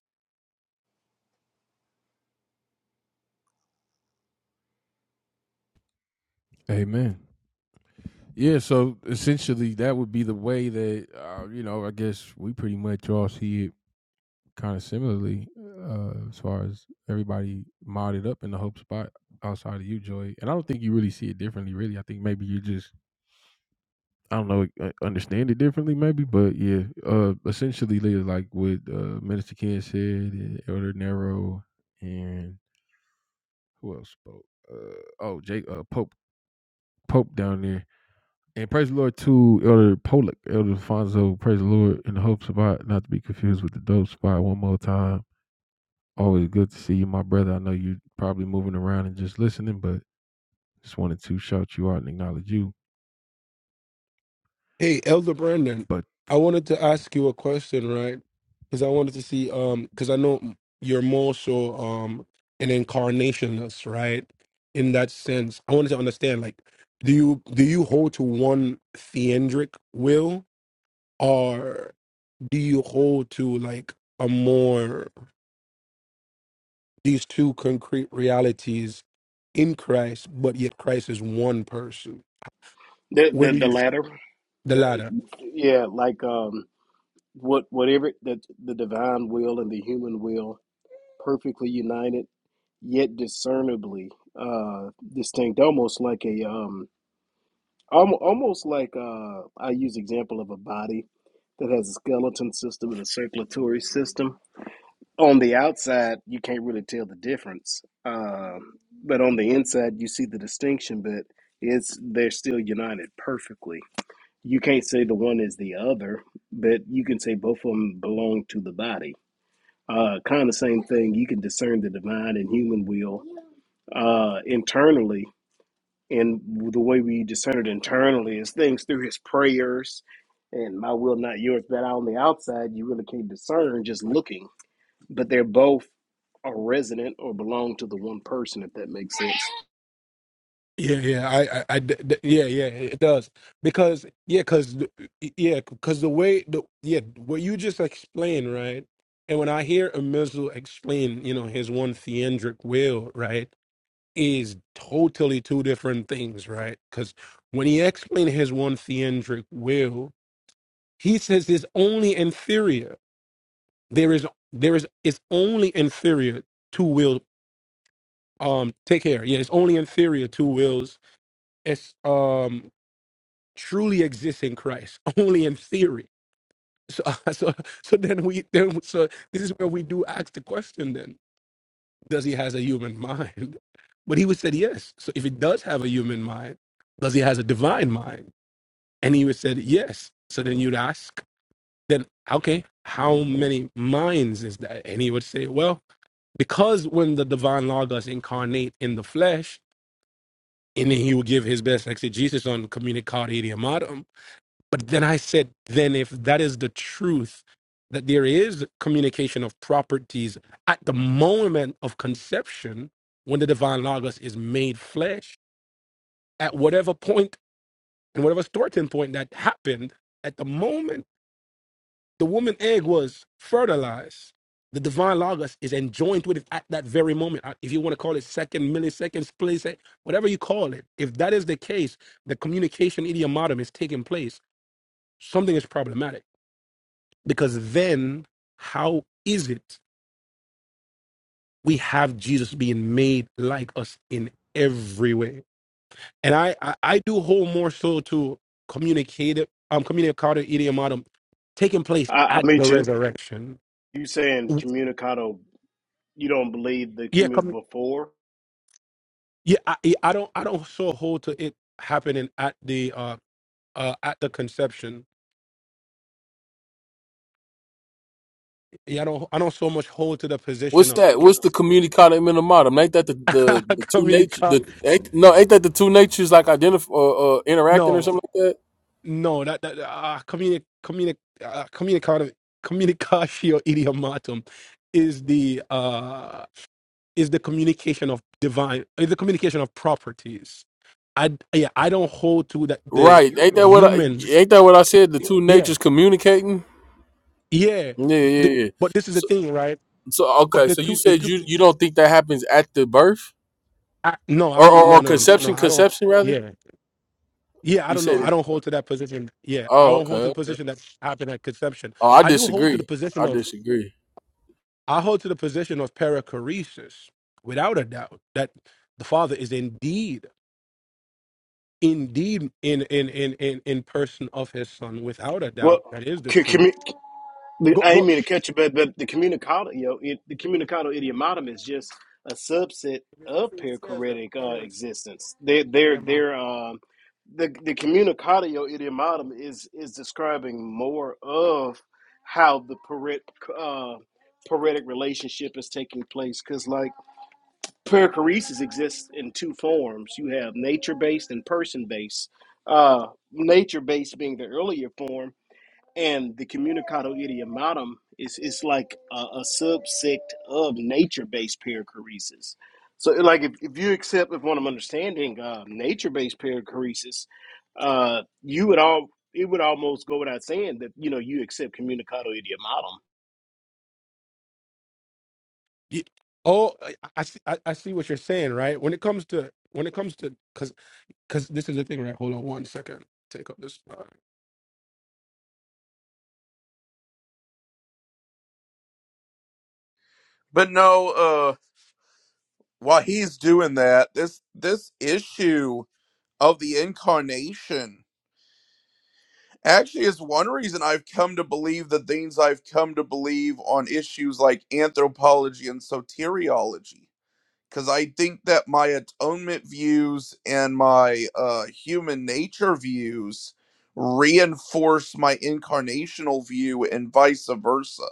Speaker 6: Hey, Elder Brandon, I wanted to ask you a question, right? Because I wanted to see, um, because I know you're more so um an incarnationist, right? In that sense, I wanted to understand, like, do you do you hold to one theandric will, or do you hold to like a more these two concrete realities in Christ, but yet Christ is one person?
Speaker 1: the
Speaker 6: Where
Speaker 1: the,
Speaker 6: do
Speaker 1: the
Speaker 6: you
Speaker 1: latter
Speaker 6: the
Speaker 1: the,
Speaker 6: latter?
Speaker 1: yeah like um What whatever that the divine will and the human will perfectly united, yet discernibly uh, distinct, almost like a um, almost like uh, I use example of a body that has a skeleton system and a circulatory system. On the outside, you can't really tell the difference, Uh, but on the inside, you see the distinction. But it's they're still united perfectly. You can't say the one is the other, but you can say both of them belong to the body uh, kind of the same thing. You can discern the divine and human will uh, internally. And the way we discern it internally is things through his prayers and my will, not yours. That on the outside, you really can't discern just looking. But they're both are resident or belong to the one person, if that makes sense.
Speaker 6: Yeah, yeah, I, I, I d- d- yeah, yeah, it does because yeah, because yeah, because the way the yeah what you just explained, right? And when I hear Amizu explain, you know, his one theandric will, right, is totally two different things, right? Because when he explained his one theandric will, he says it's only inferior. There is, there is, it's only inferior to will. Um, take care. Yeah, it's only inferior to wills. It's um truly exists in Christ, only in theory. So, so, so then we then so this is where we do ask the question: Then does he has a human mind? But he would said yes. So if he does have a human mind, does he has a divine mind? And he would said yes. So then you'd ask, then okay, how many minds is that? And he would say, well, because when the divine logos incarnate in the flesh, and then he would give his best exegesis on communicare idiomatum, But then I said, then if that is the truth, that there is communication of properties at the moment of conception, when the divine logos is made flesh, at whatever point and whatever starting point that happened, at the moment the woman egg was fertilized, the divine logos is enjoined with it at that very moment. Uh, If you want to call it second, milliseconds, place, eh, whatever you call it, if that is the case, the communication idiomatum is taking place. Something is problematic Because then, how is it we have Jesus being made like us in every way? And I, I, I do hold more so to communicate um communicado idiomatum taking place
Speaker 1: I, I,
Speaker 6: at
Speaker 1: me
Speaker 6: the
Speaker 1: too.
Speaker 6: resurrection.
Speaker 1: You saying communicado? You don't believe the
Speaker 6: Yeah,
Speaker 1: commu
Speaker 6: come.
Speaker 1: before?
Speaker 6: Yeah, I, yeah, I don't, I don't so hold to it happening at the uh, uh at the conception. Yeah, I don't, I don't so much hold to the position
Speaker 8: What's
Speaker 6: of
Speaker 8: that?
Speaker 6: it.
Speaker 8: What's the communicatum minimum? Ain't that the, the, the two nature?
Speaker 6: communicado.
Speaker 8: The ain't, no, ain't that the two natures like identify uh, uh, interacting
Speaker 6: No,
Speaker 8: or something like that?
Speaker 6: No, that that uh, communi communi uh, communicare communicatio idiomatum is the uh is the communication of divine is the communication of properties. I yeah, I don't hold to that the
Speaker 8: Right? Ain't that what I
Speaker 6: human.
Speaker 8: ain't that what I said? The two
Speaker 6: Yeah,
Speaker 8: natures communicating.
Speaker 6: yeah. The, but this is the thing, right? But the two the two I, no, I don't no no no no no I don't yeah. Yeah, I don't know. I don't hold to that position. Yeah, I don't hold to the position that happened at conception. I do hold to the position of. I hold to the position of perichoresis, without a doubt, that the Father is indeed, indeed in in in in, in person of His Son, without a
Speaker 1: Well,
Speaker 6: doubt. That is the
Speaker 1: c-
Speaker 6: truth.
Speaker 1: The,
Speaker 6: Go
Speaker 1: I
Speaker 6: go.
Speaker 1: ain't mean to catch you, but but the communicado, you know, it, the communicado idiomatum is just a subset of perichoretic uh, existence. They they're they're um the the communicatio idiomatum is is describing more of how the peret uh, paretic relationship is taking place because like perichoresis exists in two forms. You have nature based and person based. Uh, nature based being the earlier form and the communicado idiomatum is it's like a, a subsect of nature-based perichoresis. So, like, if, if you accept, if what I'm understanding, uh, nature-based perichoresis, uh, you would all it would almost go without saying that you know you accept communicado idiomatum,
Speaker 6: Ye- Oh, I, I see. I, I see what you're saying, right? When it comes to when it comes to because because this is the thing, right? Hold on one second. Take up this. uh,
Speaker 3: But no, uh while he's doing that, this this issue of the incarnation Actually, it's one reason I've come to believe the things I've come to believe on issues like anthropology and soteriology. Because I think that my atonement views and my uh, human nature views reinforce my incarnational view and vice versa.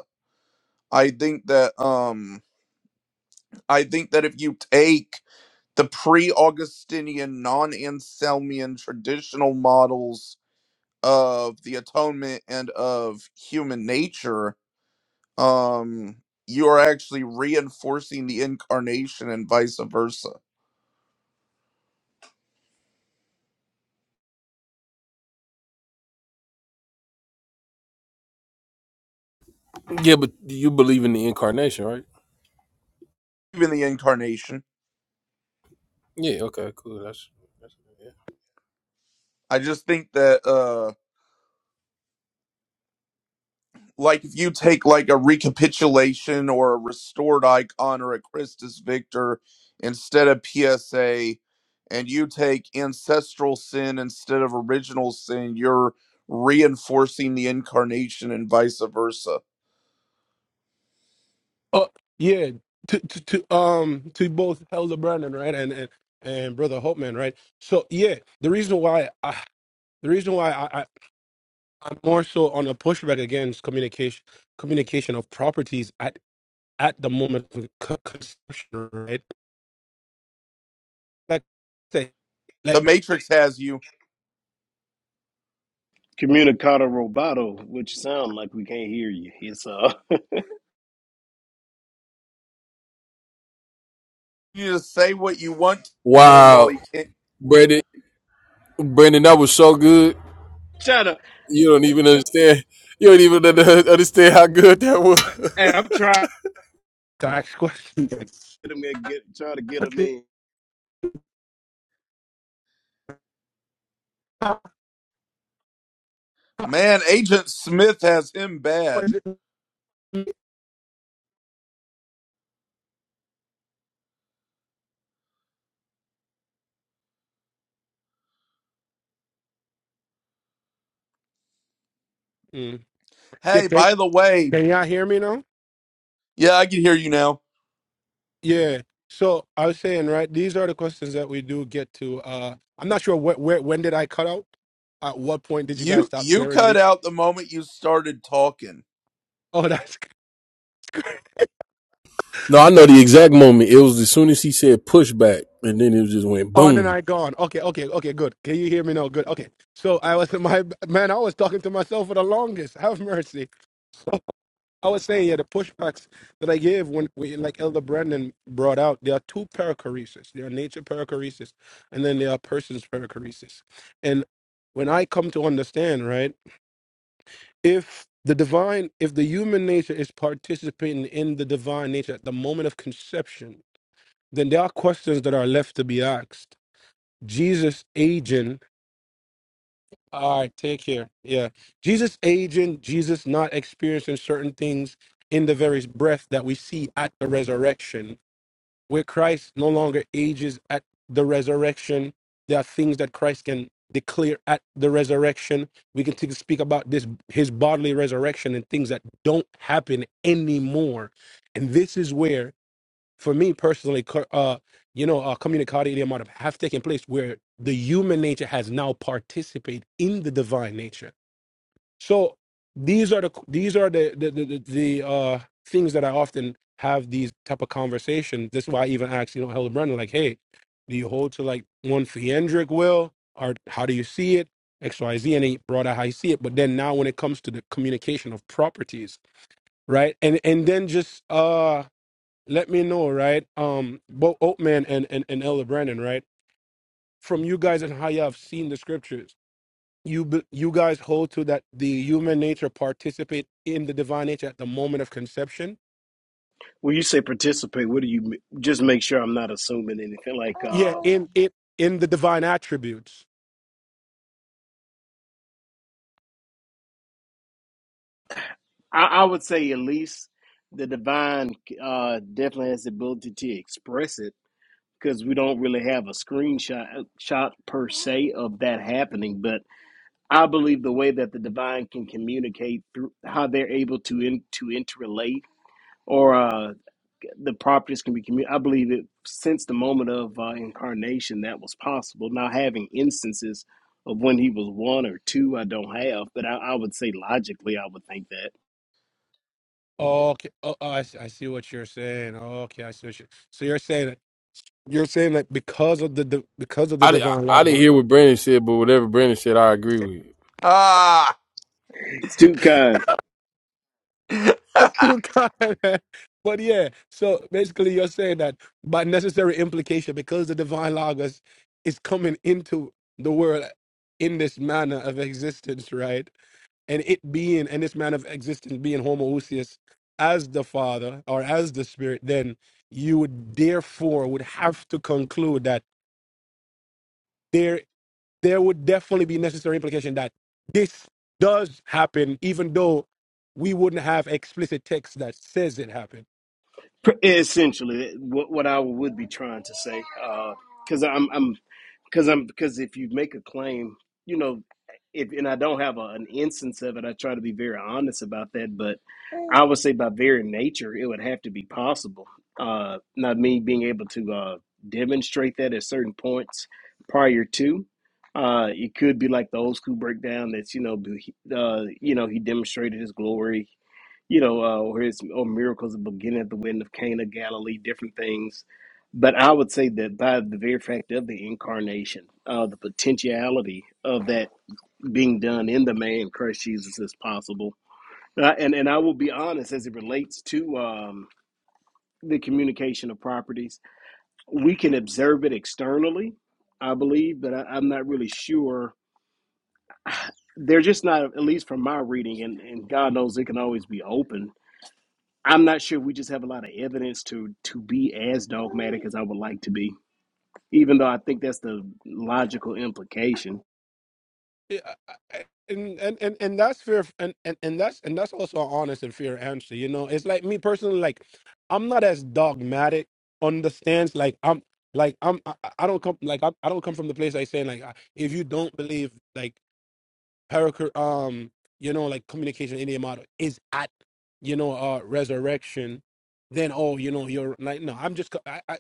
Speaker 3: I think that um, I think that if you take the pre-Augustinian, non-Anselmian traditional models of the atonement and of human nature, um, you are actually reinforcing the incarnation and vice versa. Even the incarnation. I just think that uh like if you take like a recapitulation or a restored icon or a Christus Victor instead of PSA and you take ancestral sin instead of original sin, you're reinforcing the incarnation and vice versa.
Speaker 6: Oh yeah, to to, to um to both Elder Brandon right and and and Brother Holtman right. So yeah, the reason why I the reason why I, I I'm more so on a pushback against communication communication of properties at at the moment of co- consumption right. Like say
Speaker 3: The
Speaker 6: like
Speaker 3: Matrix has you
Speaker 1: communicado robato, which sound like we can't hear you. It's uh,
Speaker 3: you to say what you want about him while he
Speaker 8: Wow,
Speaker 3: can't.
Speaker 8: Brandon, Brandon, that was so good.
Speaker 1: trying to,
Speaker 8: You don't even understand. You don't even under- understand how good that was.
Speaker 1: and I'm trying to
Speaker 6: to ask questions.
Speaker 1: get 'em in, get trying to get them in.
Speaker 3: Man, Agent Smith has him bad.
Speaker 6: Mm. Yeah,
Speaker 3: Hey,
Speaker 6: can,
Speaker 3: by the way,
Speaker 6: can y'all hear me now?
Speaker 3: yeah, I can hear you now.
Speaker 6: Yeah. So I was saying, right, these are the questions that we do get to. Uh I'm not sure wh- where when did I cut out? At what point did you guys
Speaker 3: You
Speaker 6: stop
Speaker 3: you
Speaker 6: hearing
Speaker 3: cut
Speaker 6: me?
Speaker 3: out the moment you started talking.
Speaker 6: Oh, that's
Speaker 8: No, I know the exact moment. It was as soon as he said pushback, and then it just went
Speaker 6: oh, and then
Speaker 8: boom.
Speaker 6: I gone. Okay, okay, okay, good. Can you hear me now? Good. Okay. So I was my man, I was talking to myself for the longest. Have mercy. I was saying, yeah, the pushbacks that I gave when, when like Elder Brandon brought out, there are two perichoresis. There are nature perichoresis, and then there are persons perichoresis. And when I come to understand, right, if the divine, if the human nature is participating in the divine nature at the moment of conception, then there are questions that are left to be asked. Jesus' aging All right, take care. Yeah. Jesus aging, Jesus not experiencing certain things in the very breath that we see at the resurrection, where Christ no longer ages at the resurrection. There are things that Christ can declare at the resurrection. We can take, speak about this his bodily resurrection and things that don't happen anymore. And this is where for me personally, co- uh, you know, uh, communicati idiomatum have taken place where the human nature has now participated in the divine nature. So these are the these are the the the, the the, uh, things that I often have these type of conversations. This is why I even asked, you know, Helen Brennan, like, hey, do you hold to like one theandric will, or how do you see it? X, Y, Z, and he brought out how you see it. But then now, when it comes to the communication of properties, right, and and then just uh let me know, right? Um, both Oatman and, and and Elder Brandon, right? From you guys and how you have seen the scriptures, you be- you guys hold to that the human nature participate in the divine nature at the moment of conception.
Speaker 1: When you say participate, what do you m- just make sure I'm not assuming anything like
Speaker 6: Yeah,
Speaker 1: um
Speaker 6: in in in the divine attributes.
Speaker 1: I, I would say at least the divine uh, definitely has the ability to express it because we don't really have a screenshot uh, shot per se of that happening. But I believe the way that the divine can communicate through how they're able to in, to interrelate or uh, the properties can be communicated. I believe it since the moment of uh, incarnation that was possible. Now having instances of when he was one or two, I don't have, but I, I would say logically, I would think that
Speaker 6: Okay, oh, oh, I, see, I see what you're saying. Okay, I see. What you so you're saying that you're saying that because of the di- because of the
Speaker 8: I, di- I,
Speaker 6: divine law.
Speaker 8: I didn't hear what Brandon said, but whatever Brandon said, I agree with.
Speaker 3: Ah,
Speaker 1: it's two kinds.
Speaker 6: That's too kind. man. But yeah, so basically you're saying that by necessary implication, because the divine logos is coming into the world in this manner of existence, right? And it being and this manner of existence being homoousios as the Father or as the Spirit, then you would therefore would have to conclude that there there would definitely be necessary implication that this does happen, even though we wouldn't have explicit text that says it happened
Speaker 1: Essentially, what, what I would be trying to say, because I'm, I'm, because I'm, because if you make a claim, you know, if and I don't have a, an instance of it, I try to be very honest about that. But I would say, by very nature, it would have to be possible. Uh, not me being able to uh, demonstrate that at certain points prior to. Uh, it could be like the old school breakdown that's you know, be- uh, you know, he demonstrated his glory you know, uh, or his or miracles of beginning at the wind of Cana, of Galilee, different things. But I would say that by the very fact of the incarnation, uh, the potentiality of that being done in the man Christ Jesus is possible. Uh, and and I will be honest as it relates to um, the communication of properties, we can observe it externally, I believe, but I, I'm not really sure. They're just not, at least from my reading, and, and God knows it can always be open I'm not sure we just have a lot of evidence to to be as dogmatic as I would like to be, even though I think that's the logical implication.
Speaker 6: Yeah, I- I- and and and and that's fair and and and that's and that's also an honest and fair answer you know it's like me personally like i'm not as dogmatic on the stance like i'm like i'm i, I I don't come like I, I don't come from the place i saying like I- if you don't believe like perico- um, you know, like communication in the model is at, you know, uh, resurrection, then oh, you know, you're like, no, I'm just co- I, I,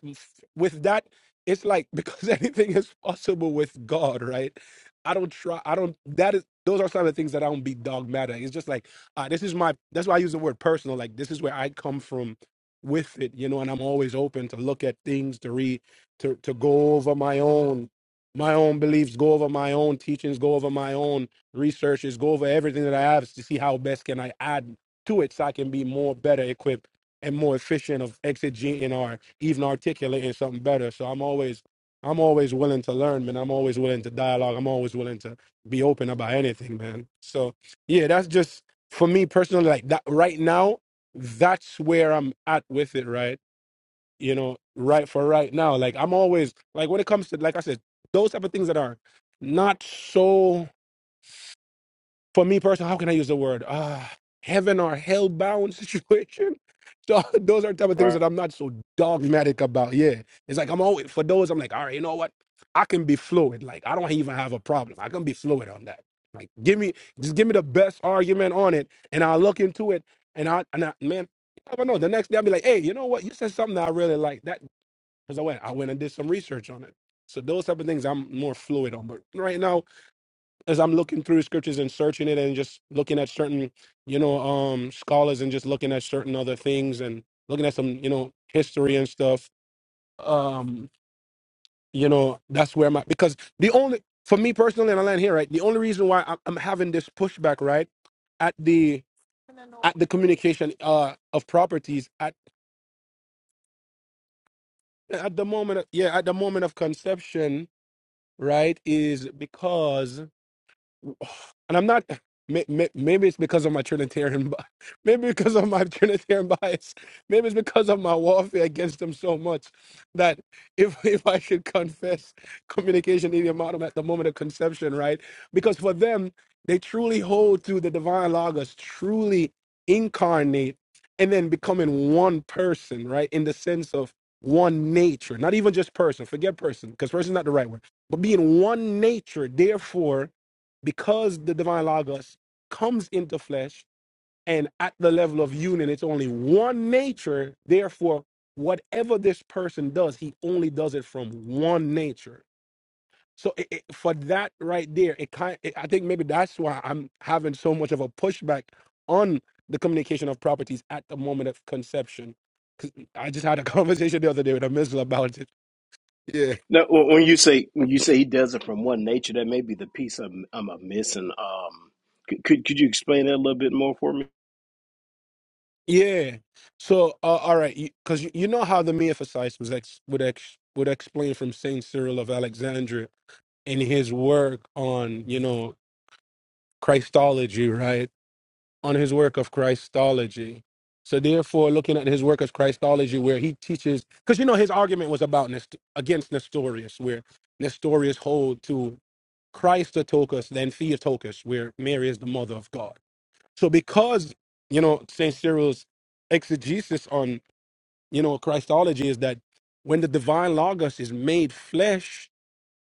Speaker 6: with that. It's like because anything is possible with God, right? I don't try. I don't. That is. Those are some of the things that I don't be dogmatic. It's just like uh, this is my. That's why I use the word personal. Like this is where I come from with it, you know. And I'm always open to look at things to read, to to go over my own my own beliefs, go over my own teachings, go over my own researches, go over everything that I have to see how best can I add to it so I can be more better equipped and more efficient of exegeting or even articulating something better. So I'm always I'm always willing to learn, man. I'm always willing to dialogue. I'm always willing to be open about anything, man. So yeah, that's just for me personally, like that right now, that's where I'm at with it, right? You know, right for right now. Like I'm always like when it comes to like I said, those type of things that are not so for me personally, how can I use the word uh, heaven or hell bound situation? So those are type of things
Speaker 1: Right.
Speaker 6: that I'm not so dogmatic about. Yeah, it's like I'm always for those. I'm like, all right, you know what? I can be fluid. Like I don't even have a problem. I can be fluid on that. Like give me just give me the best argument on it, and I'll look into it. And I and I, man, I don't know. The next day I'll be like, hey, you know what? You said something that I really like that because I went I went and did some research on it. So those type of things I'm more fluid on. But right now as I'm looking through scriptures and searching it and just looking at certain, you know, um scholars and just looking at certain other things and looking at some, you know, history and stuff. Um, you know, that's where my because the only for me personally and I land here, right? The only reason why I'm, I'm having this pushback, right, at the at the communication uh of properties at at the moment of, yeah, at the moment of conception, right, is because and I'm not. may- may- Maybe it's because of my Trinitarian, bi- maybe because of my Trinitarian bias, maybe it's because of my warfare against them so much that if if I should confess communication idiomatum at the moment of conception, right? Because for them, they truly hold to the divine logos, truly incarnate, and then becoming one person, right? In the sense of one nature, not even just person. Forget person, because person is not the right word, but being one nature. Therefore because the divine logos comes into flesh and at the level of union it's only one nature therefore whatever this person does he only does it from one nature so it, it- for that right there it kind it, i think maybe that's why i'm having so much of a pushback on the communication of properties at the moment of conception 'Cause i just had a conversation the other day with a missile about it
Speaker 1: Now, when when you say when you say he does it from one nature, that may be the piece I'm I'm missing. Um, c- could could you explain that a little bit more for me?
Speaker 6: Yeah. So, uh, all right, because you, 'cause you you know how the Miaphysites was ex, would ex, would explain from Saint Cyril of Alexandria in his work on you know Christology, right? On his work of Christology. So therefore, looking at his work of Christology, where he teaches, because you know his argument was about Nest, against Nestorius, where Nestorius hold to Christotokos, then Theotokos, where Mary is the mother of God. So because you know Saint Cyril's exegesis on you know, Christology is that when the divine logos is made flesh,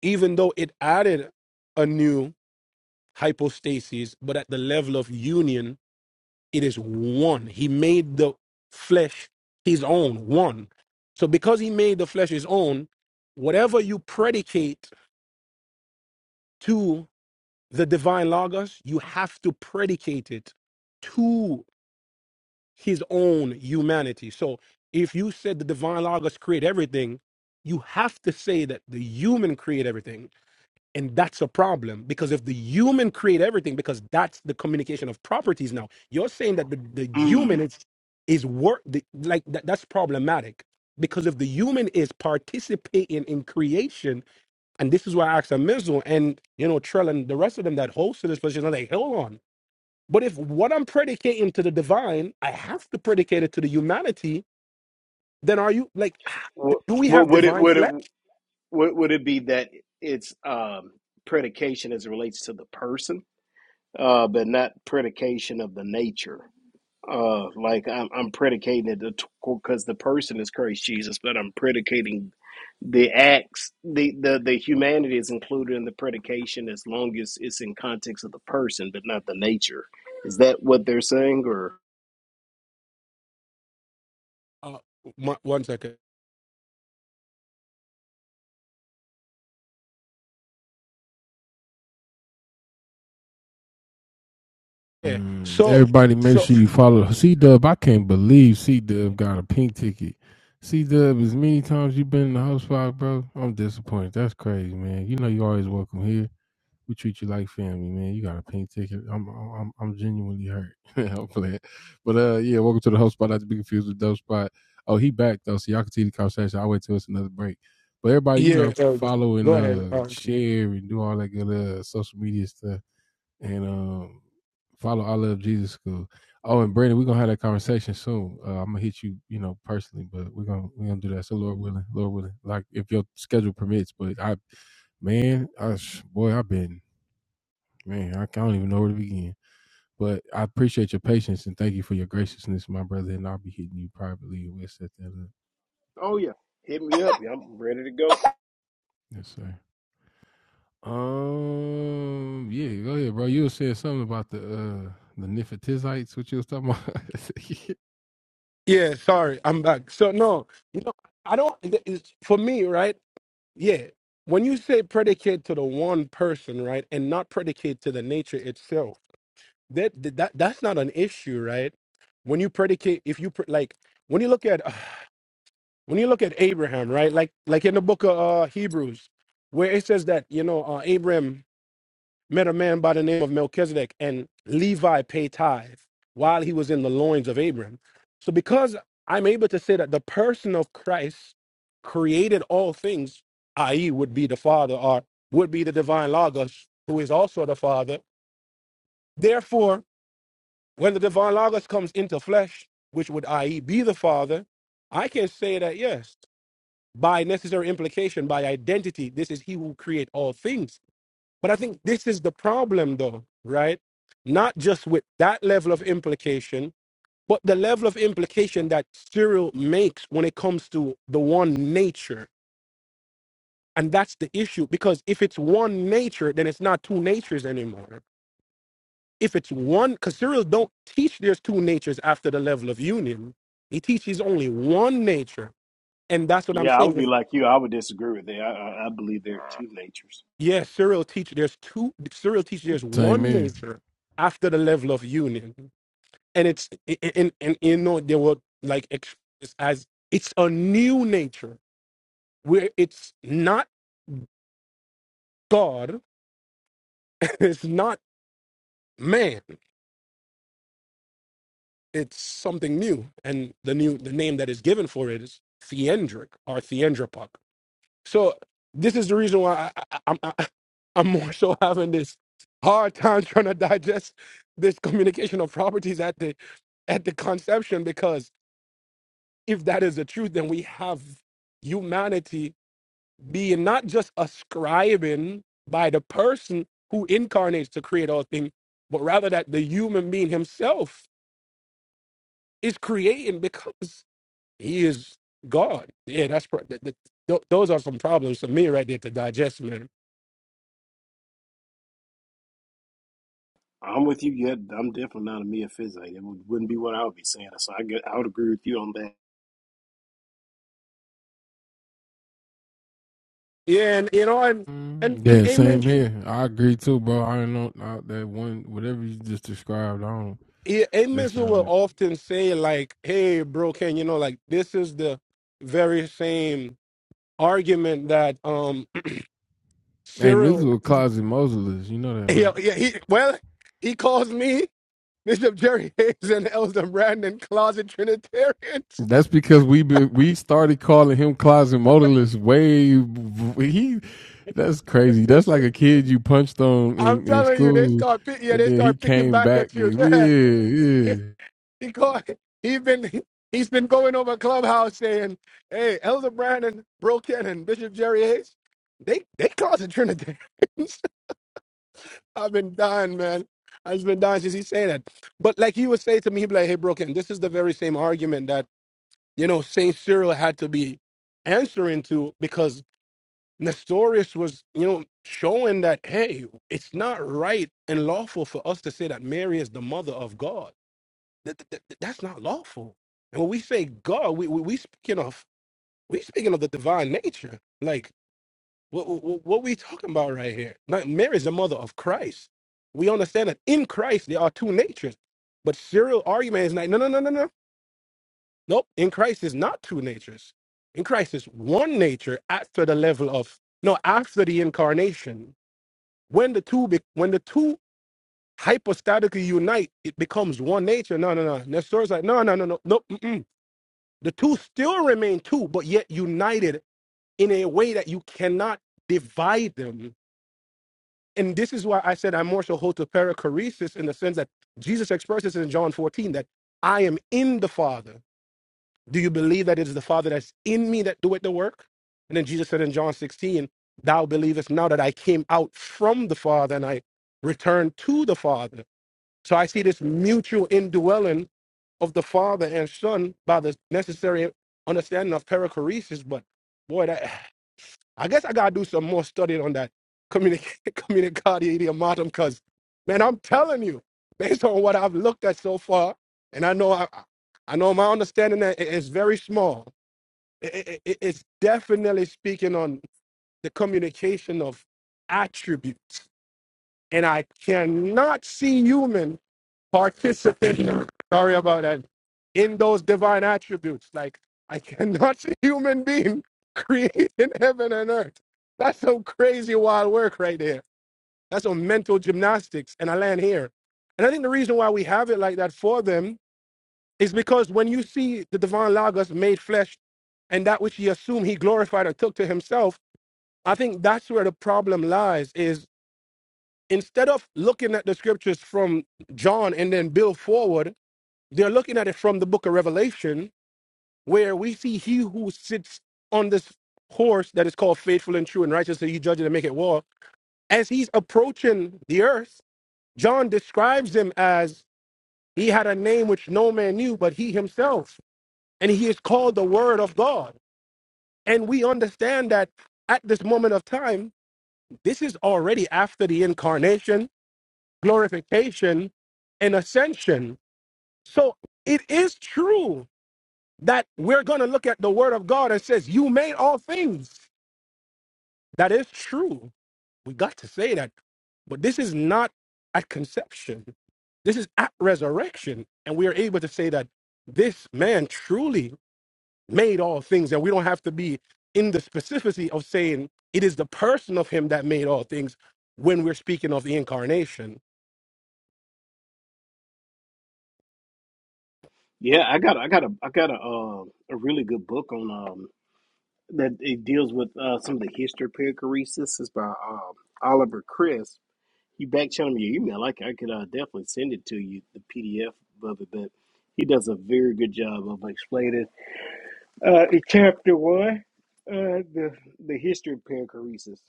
Speaker 6: even though it added a new hypostasis, but at the level of union, it is one. He made the flesh his own, one. So because he made the flesh his own, whatever you predicate to the divine logos, you have to predicate it his own humanity. So if you said the divine logos create everything, you have to say that the human create everything. And that's a problem because if the human create everything, because that's the communication of properties now, you're saying that the, the
Speaker 1: Mm.
Speaker 6: human is is work the, like that, that's problematic because if the human is participating in creation, and this is why I asked Amizu and you know Trell and the rest of them that hosted this position, are like, hold on but if what I'm predicating to the divine, I have to predicate it to the humanity, then are you like, ah,
Speaker 1: What,
Speaker 6: do we
Speaker 1: what
Speaker 6: have
Speaker 1: would it
Speaker 6: divine
Speaker 1: would it
Speaker 6: flesh?
Speaker 1: what would it be that it's um, predication as it relates to the person, uh, but not predication of the nature? Uh, like I'm, I'm predicating it because the person is Christ Jesus, but I'm predicating the acts, the, the the humanity is included in the predication as long as it's in context of the person, but not the nature. Is that what they're saying? Or
Speaker 6: Uh, one one second. Yeah. So, so, yeah, Elder. Go ahead. Uh,
Speaker 1: oh yeah, hit me up, yeah, I'm ready to go.
Speaker 6: yeah, sorry. I'm back. So, no, you know, I don't, it- it's, for me, right? Yeah. When you say predicate to the one person, right, and not predicate to the nature itself, that that that's not an issue, right? When you predicate, if you pre- like, when you look at when you look at Abraham, right? Like like in the book of uh, Hebrews, where it says that you know uh, Abraham met a man by the name of Melchizedek, and Levi paid tithe while he was in the loins of Abraham. So because I'm able to say that the person of Christ created all things, i.e., would be the Father or would be the divine Logos, who is also the Father. Therefore, when the divine Logos comes into flesh, which would i.e. be the Father, I can say that yes by necessary implication, by identity, this is he who create all things. But I think this is the problem though, right? Not just with that level of implication, but the level of implication that Cyril makes when it comes to the one nature. And that's the issue because if it's one nature, then it's not two natures anymore. If it's one, because Cyril don't teach there's two natures after the level of union. He teaches only one nature. And that's what I'm
Speaker 1: Yeah, I would
Speaker 6: saying.
Speaker 1: be like you. I would disagree with that. I, I, I believe there are two natures.
Speaker 6: Yes, serial teacher. There's two serial teacher. There's one nature after the level of union, and it's and and you know they were like ex- it's as it's a new nature where it's not God, it's not man, it's something new, and the new the name that is given for it is theendric or theendropak. So this is the reason why I, I, I'm I, I'm more so having this hard time trying to digest this communication of properties at the at the conception because if that is the truth, then we have humanity being not just ascribing by the person who incarnates to create all things, but rather that the human being himself is creating because he is God. Yeah, that's pro- th- th- th- those are some problems for me right there to digest, man.
Speaker 1: I'm with you. Yet I'm definitely not a meophysite. It would, wouldn't be what I would be saying. So I get, I would agree with you on that.
Speaker 6: Yeah, and you know, and and and Amos, yeah, Amos will often say like, "Hey, bro, can you know like this is the very same argument that um Cyril, yeah, yeah, he well, he calls me Bishop Jerry Hayes and Elder Brandon closet Trinitarians. I'm telling you, they start pick, yeah, they start picking back at you. Yeah, because he's been he's been going over clubhouse saying, "Hey, Elder Brandon, Bro Ken, and Bishop Jerry Hayes, they they causing Trinitarians." I've been dying, man. I've been dying since he said that. But like he would say to me, he'd be like, "Hey, Bro Ken, this is the very same argument that you know Saint Cyril had to be answering to because Nestorius was, you know." Showing that, hey, it's not right and lawful for us to say that Mary is the mother of God that, that- that- that's not lawful. And when we say God, we, we we speaking of we speaking of the divine nature. Like what what, what we talking about right here? Like Mary is the mother of Christ. We understand that in Christ there are two natures. But Cyril argument is like no no no no no nope. In Christ is not two natures. In Christ is one nature after the level of no after the incarnation. When the two be, when the two hypostatically unite, it becomes one nature. No no no. Nestor's like no no no no nope. mm-mm. The two still remain two, but yet united in a way that you cannot divide them. And this is why I said I more so hold to perichoresis in the sense that Jesus expresses in John 14 that I am in the Father. Do you believe that it is the Father that's in me that doeth the work? And then Jesus said in John 16, Thou believest now that I came out from the Father and I returned to the Father. So I see this mutual indwelling of the Father and Son by the necessary understanding of perichoresis. But boy, that I guess I gotta do some more study on that communic- communicati idiomatum, because man, I'm telling you, based on what I've looked at so far, and I know I, I know my understanding that it is very small. It, it, it- it's definitely speaking on the communication of attributes, and I cannot see human participating, sorry about that, in those divine attributes. Like, I cannot see human being creating heaven and earth. That's some crazy wild work right there. That's some mental gymnastics. And I land here. And I think the reason why we have it like that for them is because when you see the divine Logos made flesh and that which he assumed he glorified and took to himself, I think that's where the problem lies is instead of looking at the scriptures from John and then build forward, they're looking at it from the book of Revelation, where we see he who sits on this horse that is called faithful and true and righteous, that he judges and make it war. As he's approaching the earth, John describes him as he had a name which no man knew but he himself, and he is called the Word of God. And we understand that at this moment of time, this is already after the incarnation, glorification, and ascension. So it is true that we're going to look at the word of God and says, You made all things. That is true. We got to say that. But this is not at conception, this is at resurrection. And we are able to say that this man truly made all things. And we don't have to be in the specificity of saying it is the person of him that made all things when we're speaking of the incarnation
Speaker 1: Yeah, I got I got a I got a uh, a really good book on um that it deals with uh some of the history of perichoresis. It's by um Oliver Chris. You back channel me your email. I c- I could uh, definitely send it to you the PDF of it, but he does a very good job of explaining uh in chapter one uh the the history of perichoresis.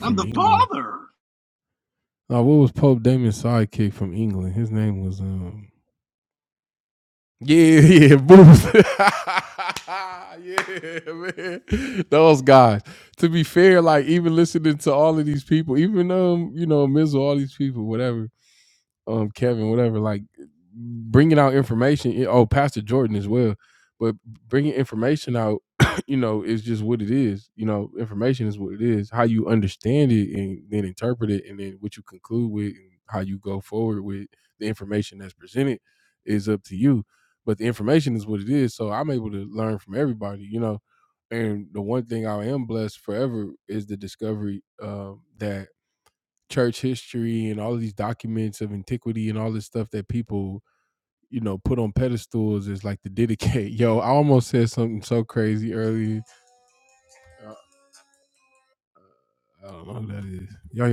Speaker 1: I'm the father.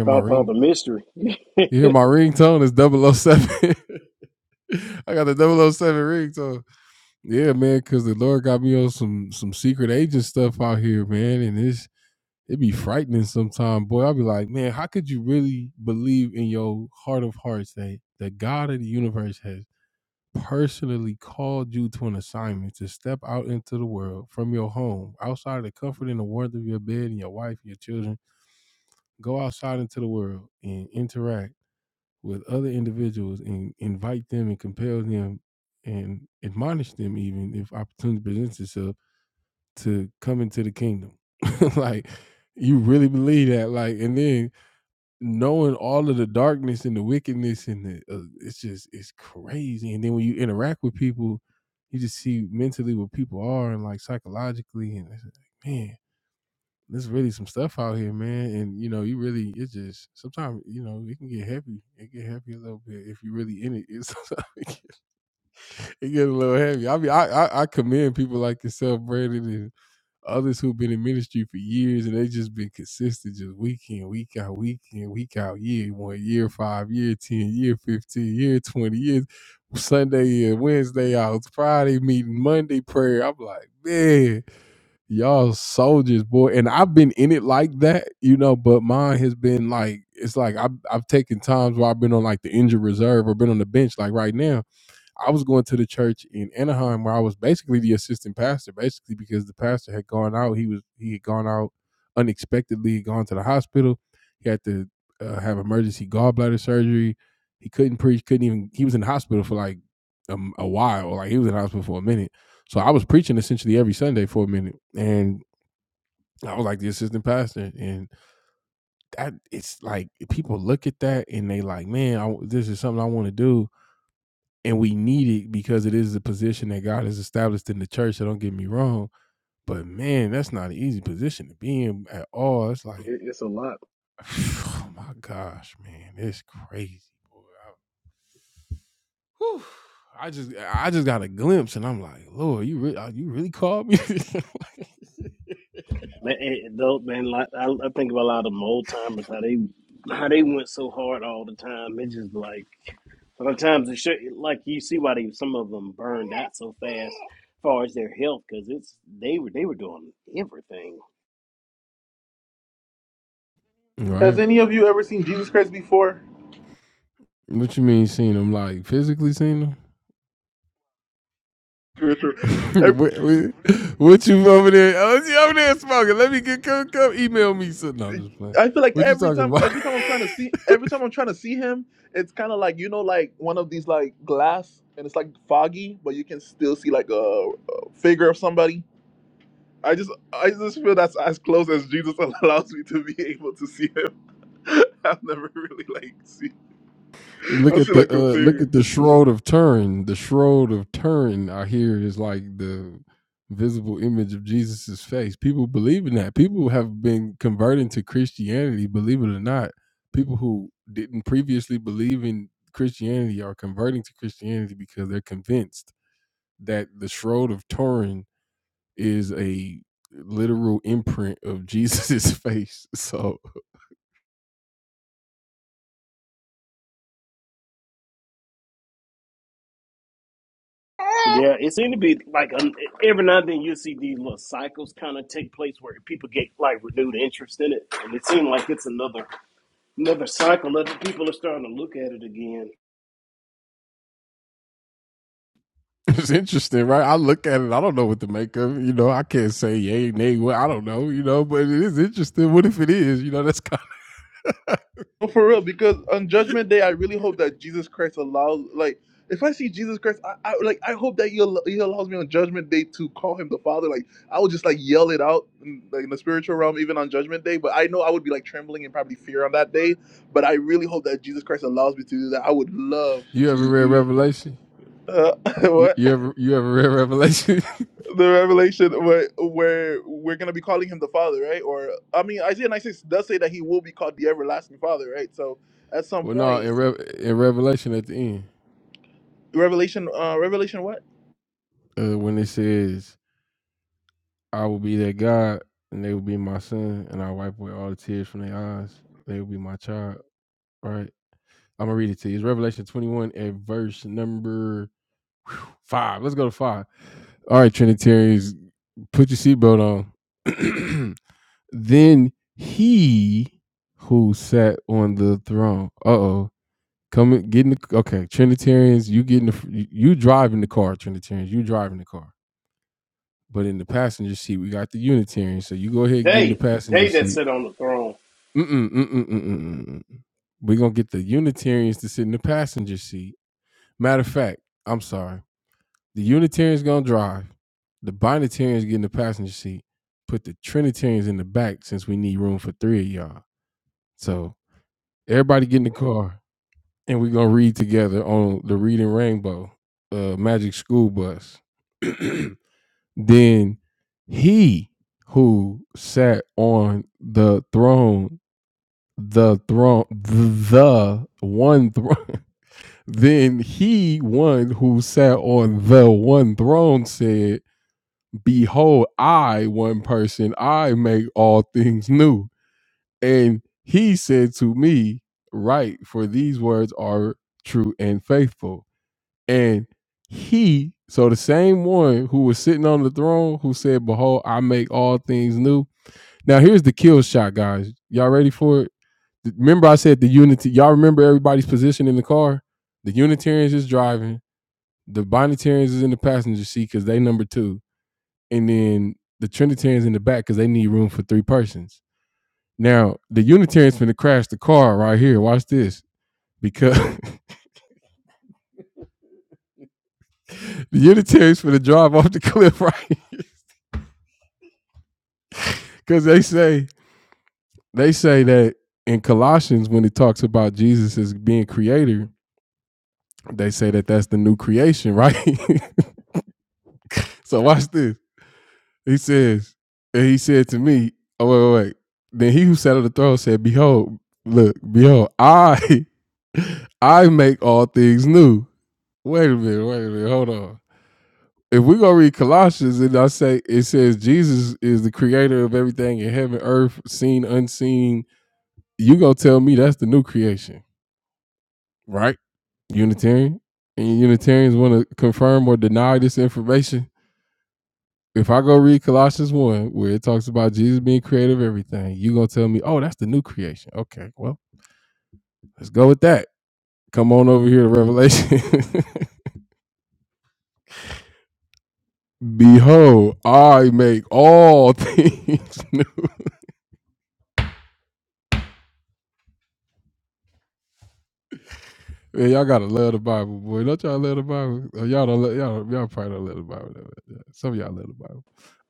Speaker 1: Found found the mystery. It- it's a lot. Man, eh, though, man, like I, I think of a lot of them old timers how they how they went so hard all the time. It's just like sometimes it should, like you see why they some of them burned out so fast, as far as their health, because it's they were they were doing everything.
Speaker 7: Has any of you ever seen Jesus Christ before? Richard, ev- I feel like every time, every time I'm trying to see, every time I'm trying to see him, it's kind of like you know, like one of these like glass, and it's like foggy, but you can still see like a, a figure of somebody. I just, I just feel that's as close as Jesus allows me to be able to see him. I've never really like seen. I see like the figure.
Speaker 1: Yeah, it seemed to be like um, every now and then you see these little cycles kind of take place where people get like renewed interest in it, and it seemed like it's another another cycle. Other people are starting to look at it again.
Speaker 7: No, for real, because on Judgment Day, I really hope that Jesus Christ allows, like, if I see Jesus Christ, I, I like, I hope that he, al- he allows me on Judgment Day to call him the Father. Like, I would just like yell it out, in, like in the spiritual realm, even on Judgment Day. But I know I would be like trembling and probably fear on that day. But I really hope that Jesus Christ allows me to do that. I would love to do it. Uh, what the revelation where where we're gonna be calling him the Father, right? Or I mean, Isaiah 96 does say that he will be called the everlasting Father, right? So at some point. Revelation, uh, Revelation what?
Speaker 1: They they that sit on the throne.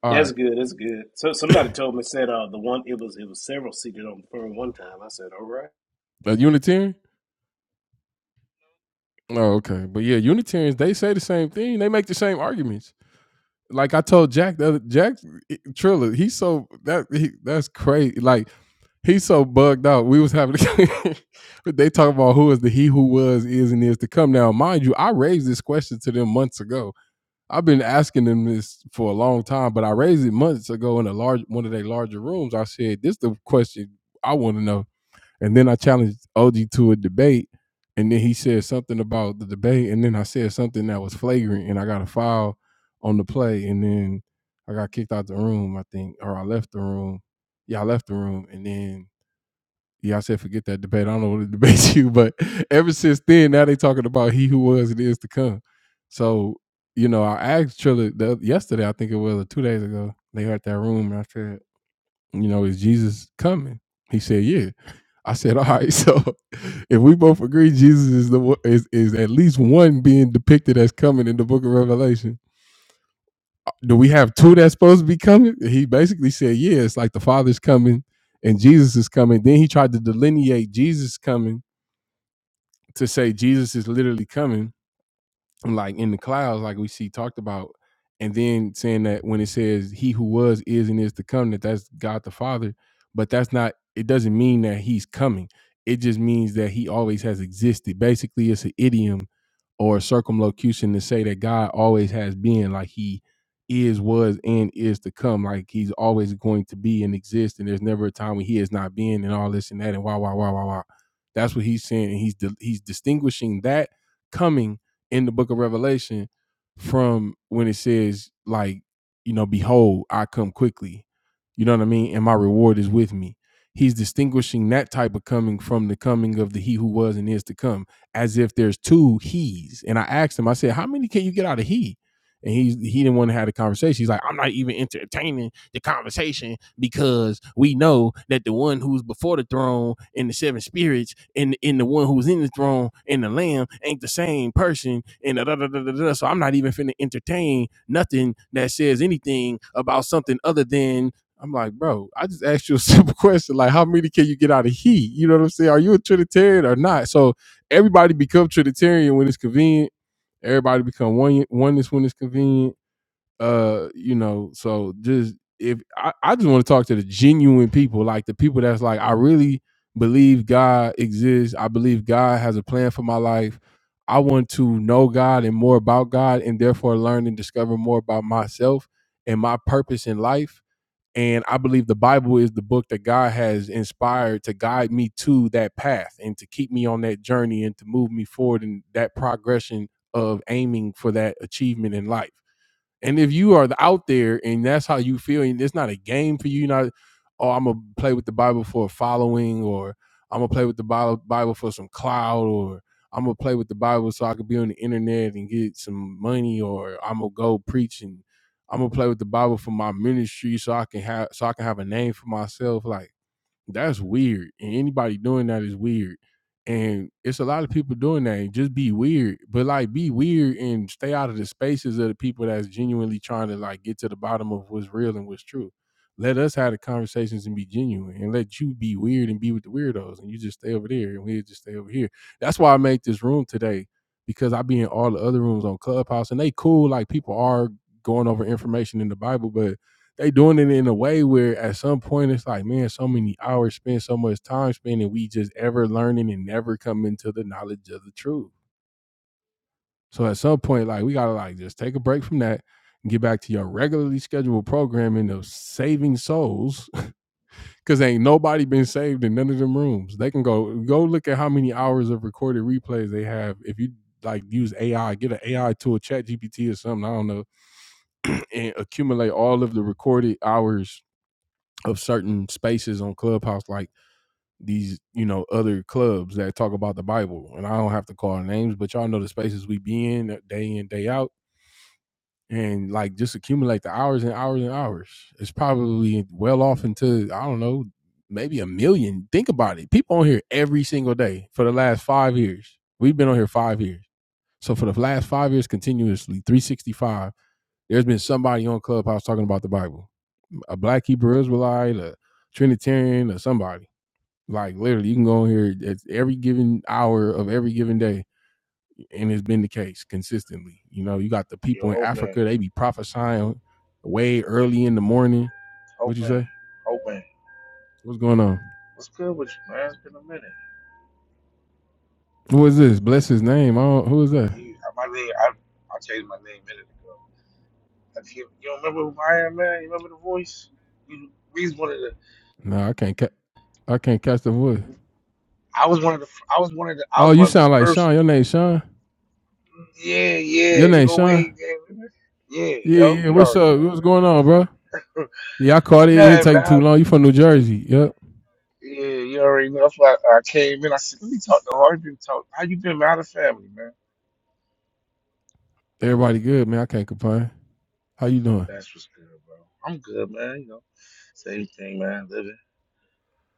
Speaker 1: That's good. That's good. So somebody told me said uh the one it was it was several seated on the phone one time. I said, all right.
Speaker 9: Yo, Hope Man, Hope Man, Hope Man. What's good with you, man? It's been a minute. You, my name, I, I changed my name a minute ago. I can't, you don't remember who I am, man? You remember the voice? You, we was one of the, I was one of the, I was one of the, I was one of the first. Yeah, yeah, you go way, yeah, yeah, yo, you already know, man. Nothing, man. Yeah, you already know. That's why I came in. I said, let me talk to Harvey. Talk. How you been, man? How the family, man? That's what's good, bro. I'm good, man. You know, same thing, man. Living,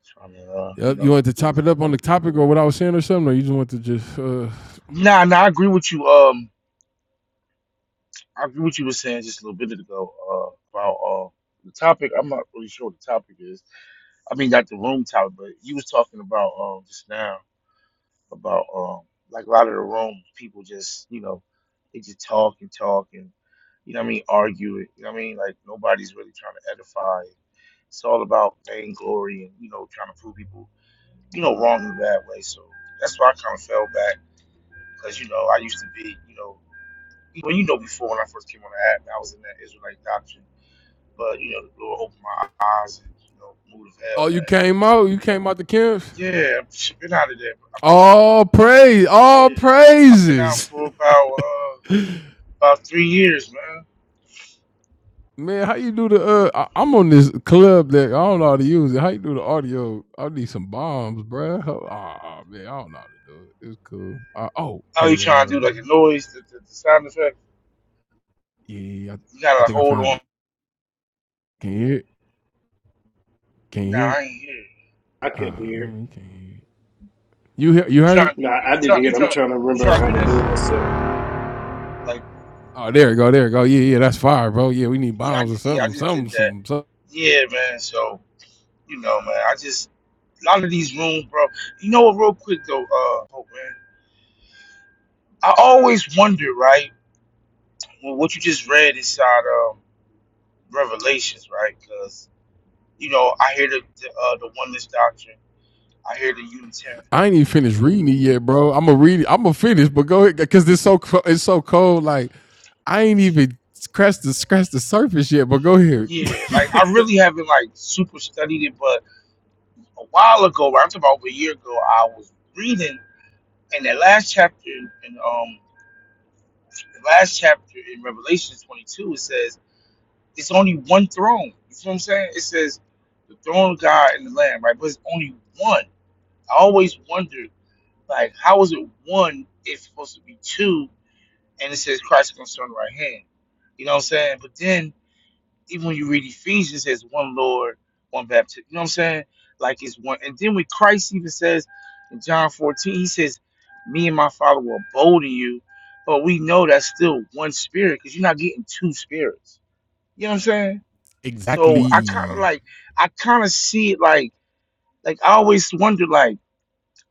Speaker 9: trying to, uh, you know, do what's. Nah, nah. I agree with you. Um, I agree with you were saying just a little bit ago. Uh, about uh the topic. I'm not really sure what the topic is. I mean, not the room topic, but you was talking about um just now about um like a lot of the room people just you know they just talk and talk and you know what I mean argue it. You know what I mean like nobody's really trying to edify it's all about vainglory and you know trying to prove people you know, wrong in a bad way. So that's why I kind of fell back because, you know, I used to be, you know, well, you know, before when I first came on the app, I was in that Israelite doctrine. But, you know, the Lord opened my eyes and, you know, moved of hell, man. Yeah, I've been out of there. I've been out. Yeah, I've been out for about uh, about three years, man. How you trying to do like a noise, the, the, the sound effect? You gotta like, hold on. Nah, I ain't here.
Speaker 1: I couldn't hear it.
Speaker 9: You trying to do?
Speaker 1: No,
Speaker 9: You,
Speaker 1: I didn't
Speaker 9: trying?
Speaker 1: hear
Speaker 9: You
Speaker 1: it. I'm
Speaker 9: trying?
Speaker 1: trying to
Speaker 9: You trying
Speaker 1: remember
Speaker 9: to
Speaker 1: how to
Speaker 9: do
Speaker 1: do it
Speaker 9: this?
Speaker 1: myself.
Speaker 9: like? Yeah, I just, yeah, I just did that. Yeah, man. So you know, man, I just a lot of these rooms, bro. You know what? Real quick though, uh, Hope, man. I always wonder, right? Well, what you just read inside um, Revelations, right? Because you know, I hear the the, uh, the oneness doctrine. I hear the Unitarian. Yeah, like I really haven't like super studied it, but a while ago, right, I'm talking about over a year ago, I was reading, and that last chapter in in, um, the last chapter in Revelation 22, it says. It's only one throne. You see what I'm saying? It says the throne of God and the Lamb, right? But it's only one. I always wondered, like, how is it one if it's supposed to be two? And it says Christ comes on the right hand. You know what I'm saying? But then even when you read Ephesians, it says one Lord, one baptism. You know what I'm saying? Like it's one. And then when Christ even says in John 14, he says, "Me and my Father will abode in you," but we know that's still one spirit because you're not getting two spirits. You know what I'm saying? So I kind of like, I kind of see it like, like I always wonder like,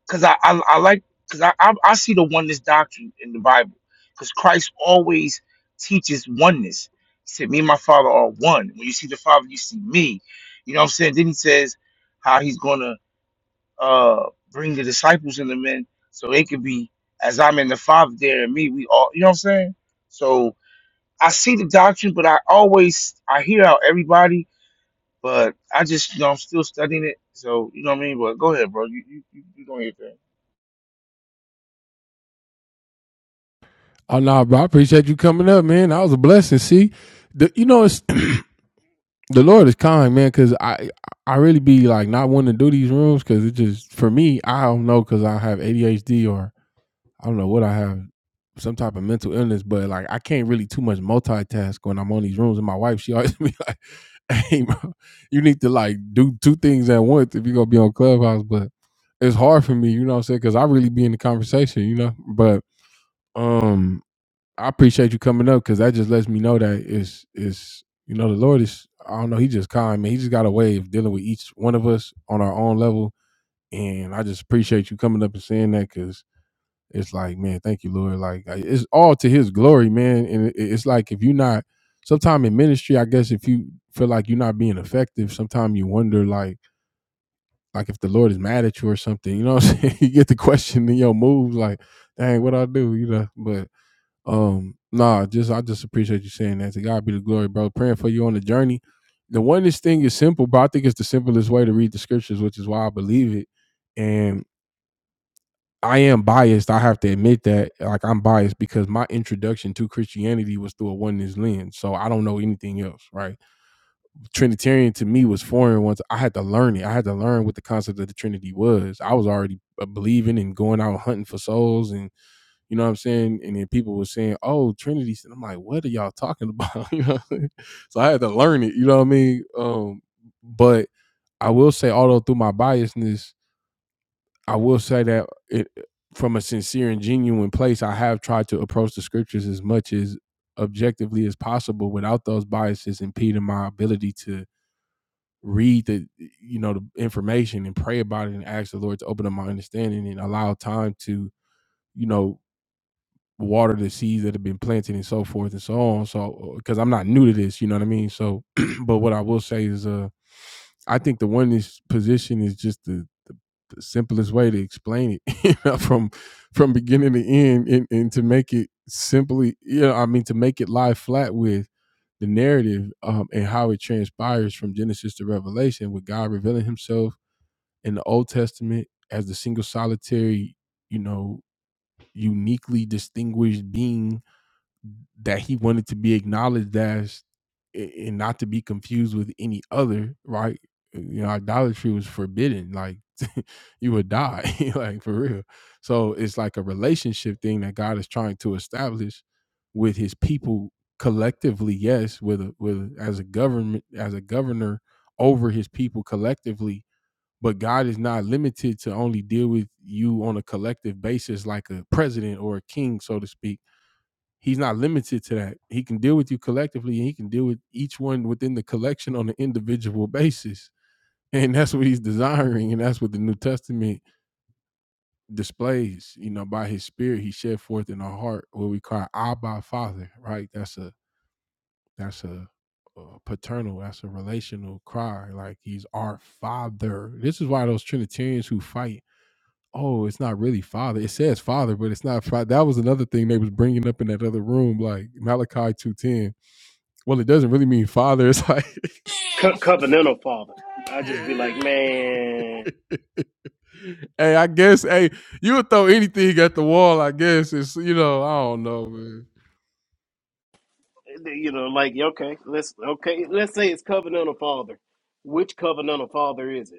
Speaker 9: cause I I, I like, cause I, I I see the oneness doctrine in the Bible, cause Christ always teaches oneness. He said, "Me and my Father are one." When you see the Father, you see me. You know what I'm saying? Then he says how he's gonna uh bring the disciples and the men so they could be as I'm in the Father there and me. We all, you know what I'm saying? So I see the doctrine, but I always I hear how everybody but I just, you know, I'm still studying it. So, you know what I mean? But go ahead, bro. You you you, you doing your thing.
Speaker 1: Co- covenantal father. I just be like, man, you know, like okay, let's okay, let's say it's covenantal father. Which covenantal father is it?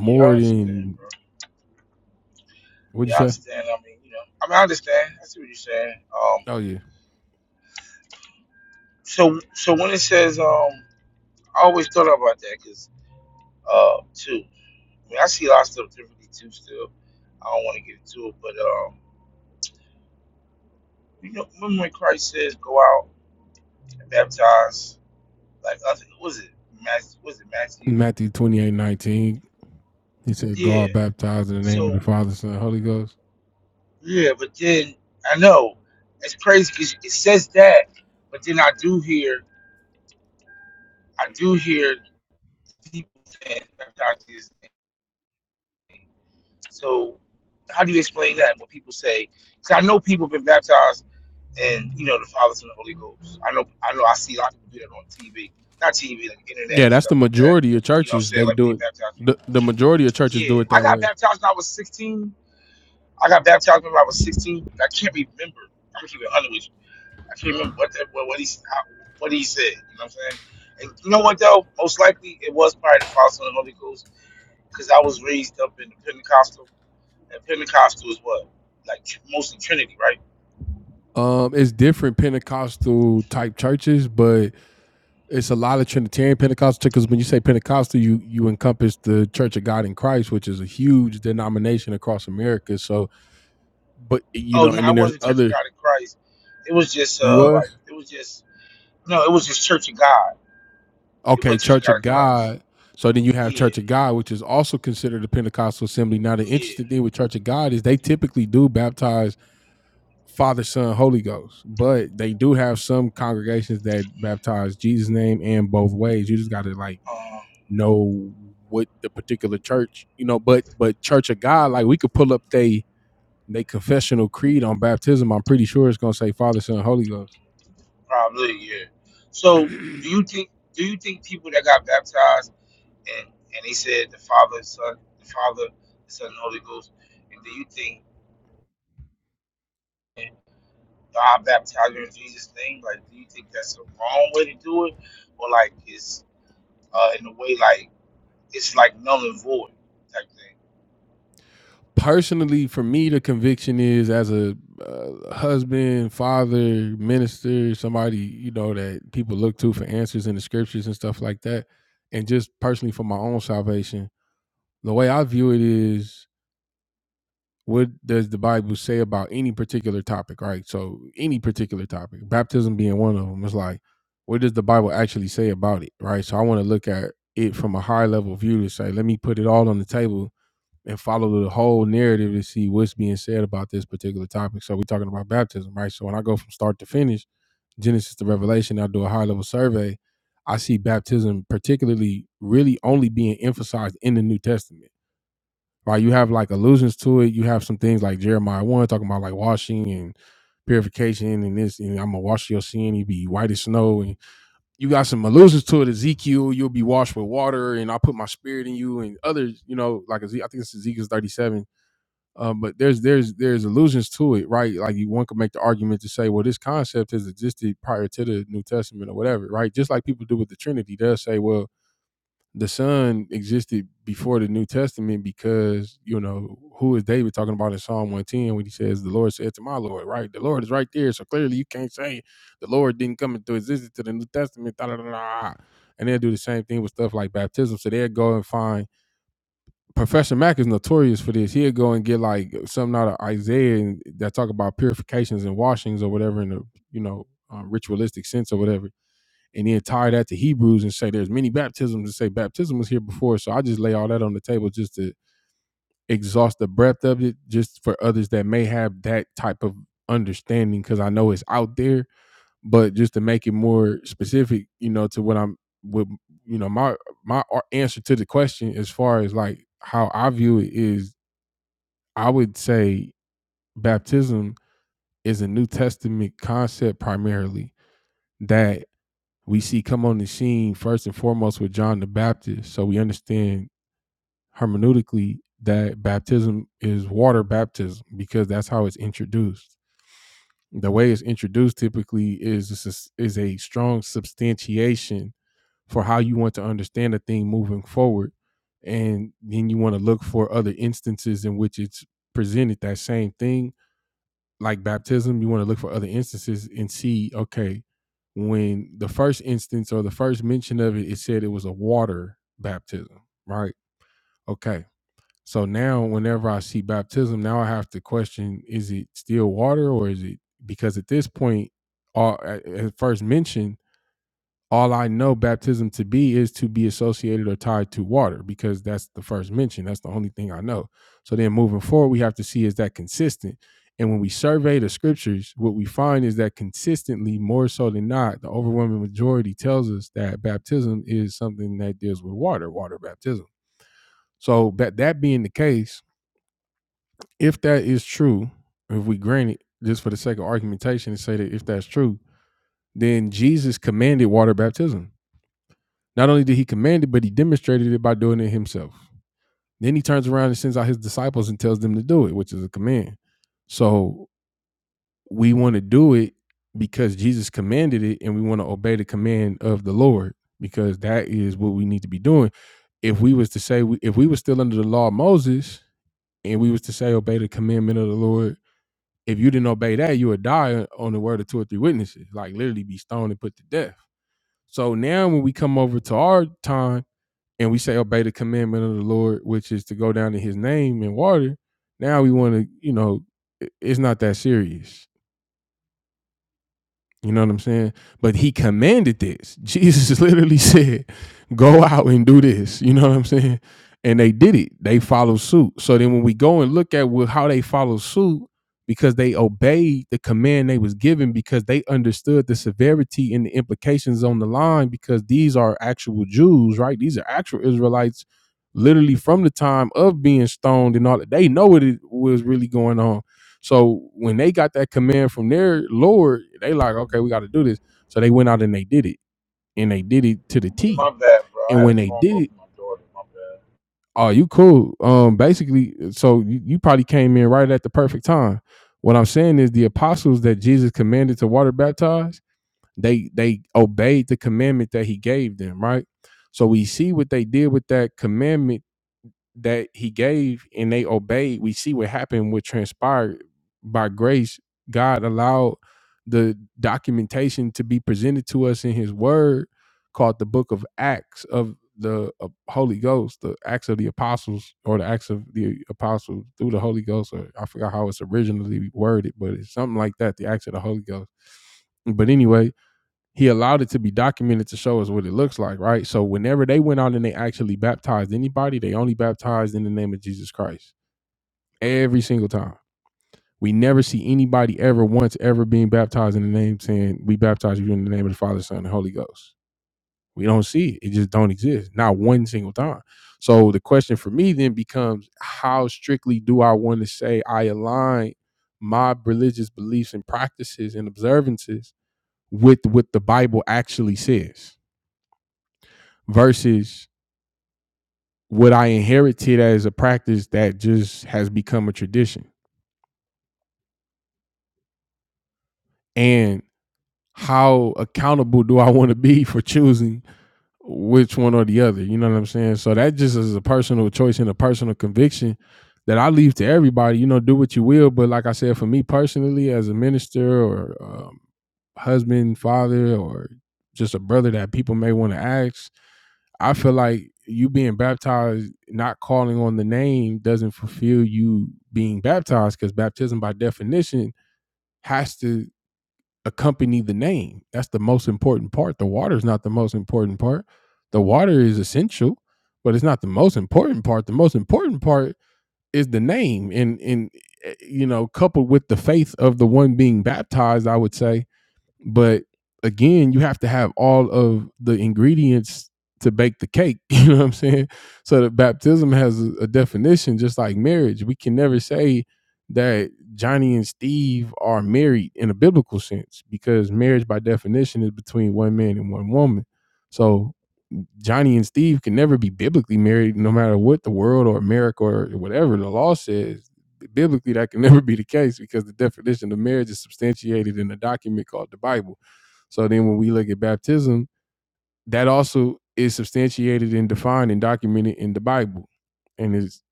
Speaker 9: Yeah, I understand, bro. Yeah, I understand. I mean, you know, I mean, I understand. I see what you're saying. Um, so so when it says, um, I always thought about that because, uh, too. I mean, I see a lot of stuff differently too. Still, I don't want to get into it, but um, you know, remember when Christ says, "Go out and baptize," like I think, what was it Matthew? Was it Matthew? Yeah. So Yeah, but then I know it's crazy because it says that, but then I do hear I do hear people saying baptized in his name. So how do you explain that? What people say? Because I know people been baptized and you know the fathers and the Holy Ghost. I know I know I see a lot of people do that on TV, not TV like internet and stuff like that. You know what I'm saying? Like when they baptize people. Yeah, I got baptized when I was 16. I got baptized when I was 16. I can't remember. I'm keeping 100 with you. I can't remember what that, what, what he how, what he said. You know what I'm saying? And you know what though? Most likely it was probably the Father, Son, and Holy Ghost, because I was raised up in the Pentecostal, and Pentecostal is what like tr- mostly Trinity, right? Oh no, I wasn't Church of God in Christ. It was just uh like it was just no, it was just Church of God. It was not Church of God in Christ. Yeah, yeah, um, probably yeah. So do you think do you think people that got baptized? And and he said, The Father, the Son, the Father, the Son, and the Holy Ghost. And do you think God baptized you in Jesus' name? Like, do you think that's the wrong way to do it? Or like it's uh in a way like it's like null and void type thing. Yeah, my bad, bro. I had a phone call from my daughter. My bad.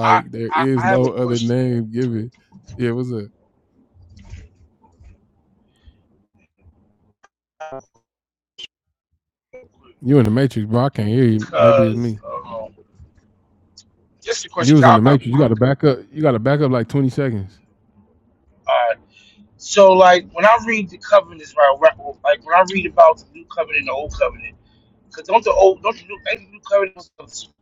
Speaker 9: I I, I have a question real quick, because um just a question. 'cause I, I, I, uh, so like when I read the covenants, right, right, like when I read about the new covenant and the old covenant. Cause don't the old don't the new ain't the new current stuff-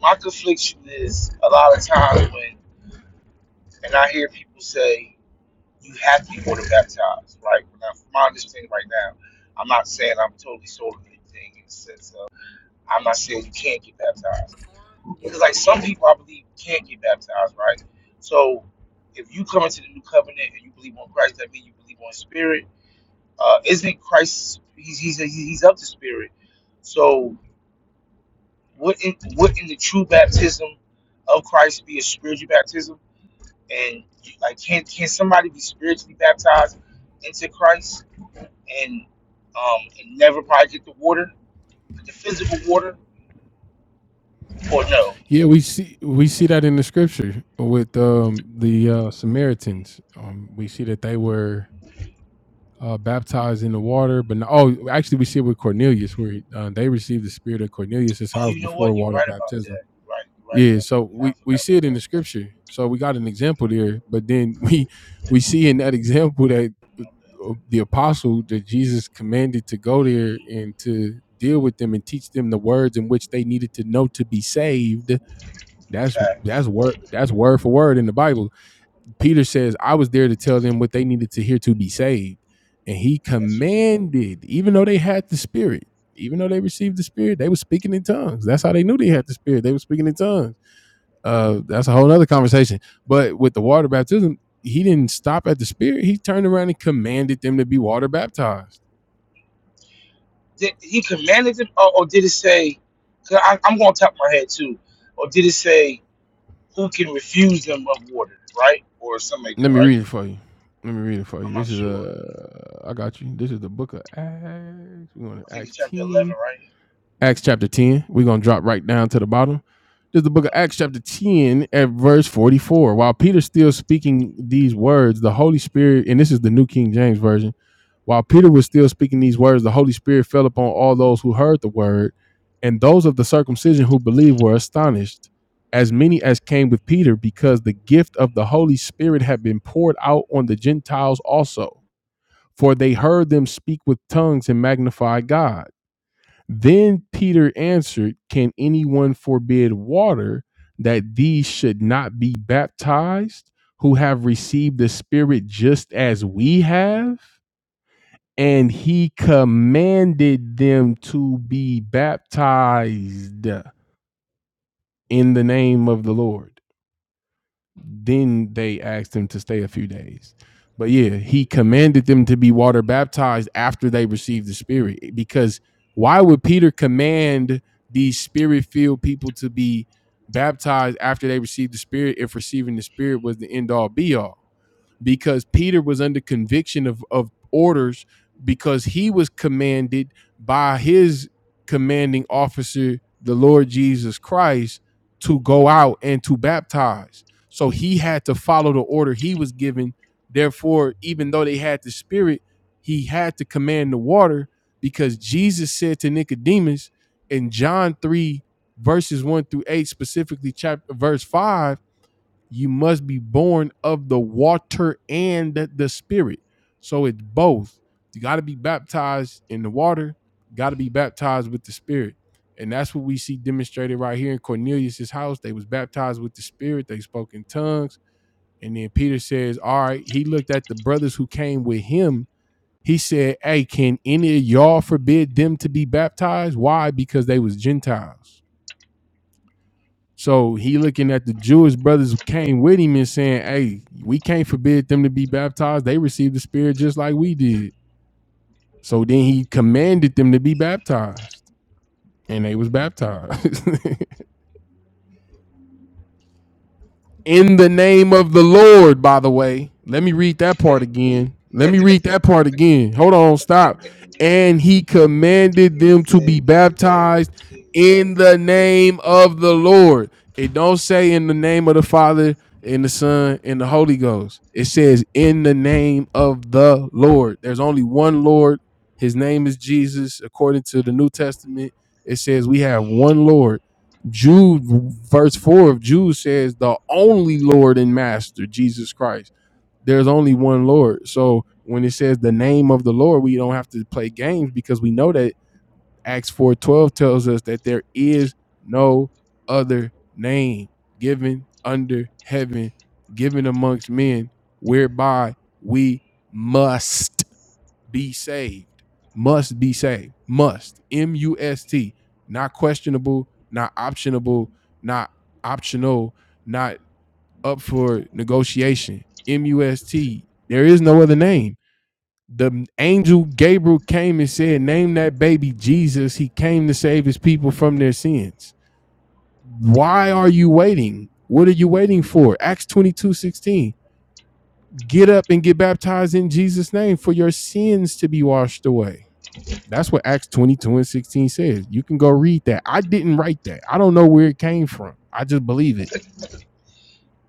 Speaker 9: my confliction is a lot of times when and I hear people say you have to be water baptized, right? Now from my understanding right now, I'm not saying I'm totally sold on anything in the sense of I'm not saying you can't get baptized. Because like some people I believe can't get baptized, right? So if you come into the new covenant and you believe on Christ, that means you believe on spirit. Uh, isn't Christ he's he's he's up to spirit. So Wouldn't wouldn't the true baptism of Christ be a spiritual baptism? And like, can can somebody be spiritually baptized into Christ and um and never probably get the water, the physical water, or no? Oh, you know what? You're right about that. You're right, you're right about that. Yeah, I forgot about that. Facts. That's true. Did he commanded them, or, or did it say? Cause I, I'm going to top my head too. Or did it say who can refuse them of water, right? Or something like that, right? I'm not sure. I think it's chapter 11, right? Uh, he said, in the name of Jesus.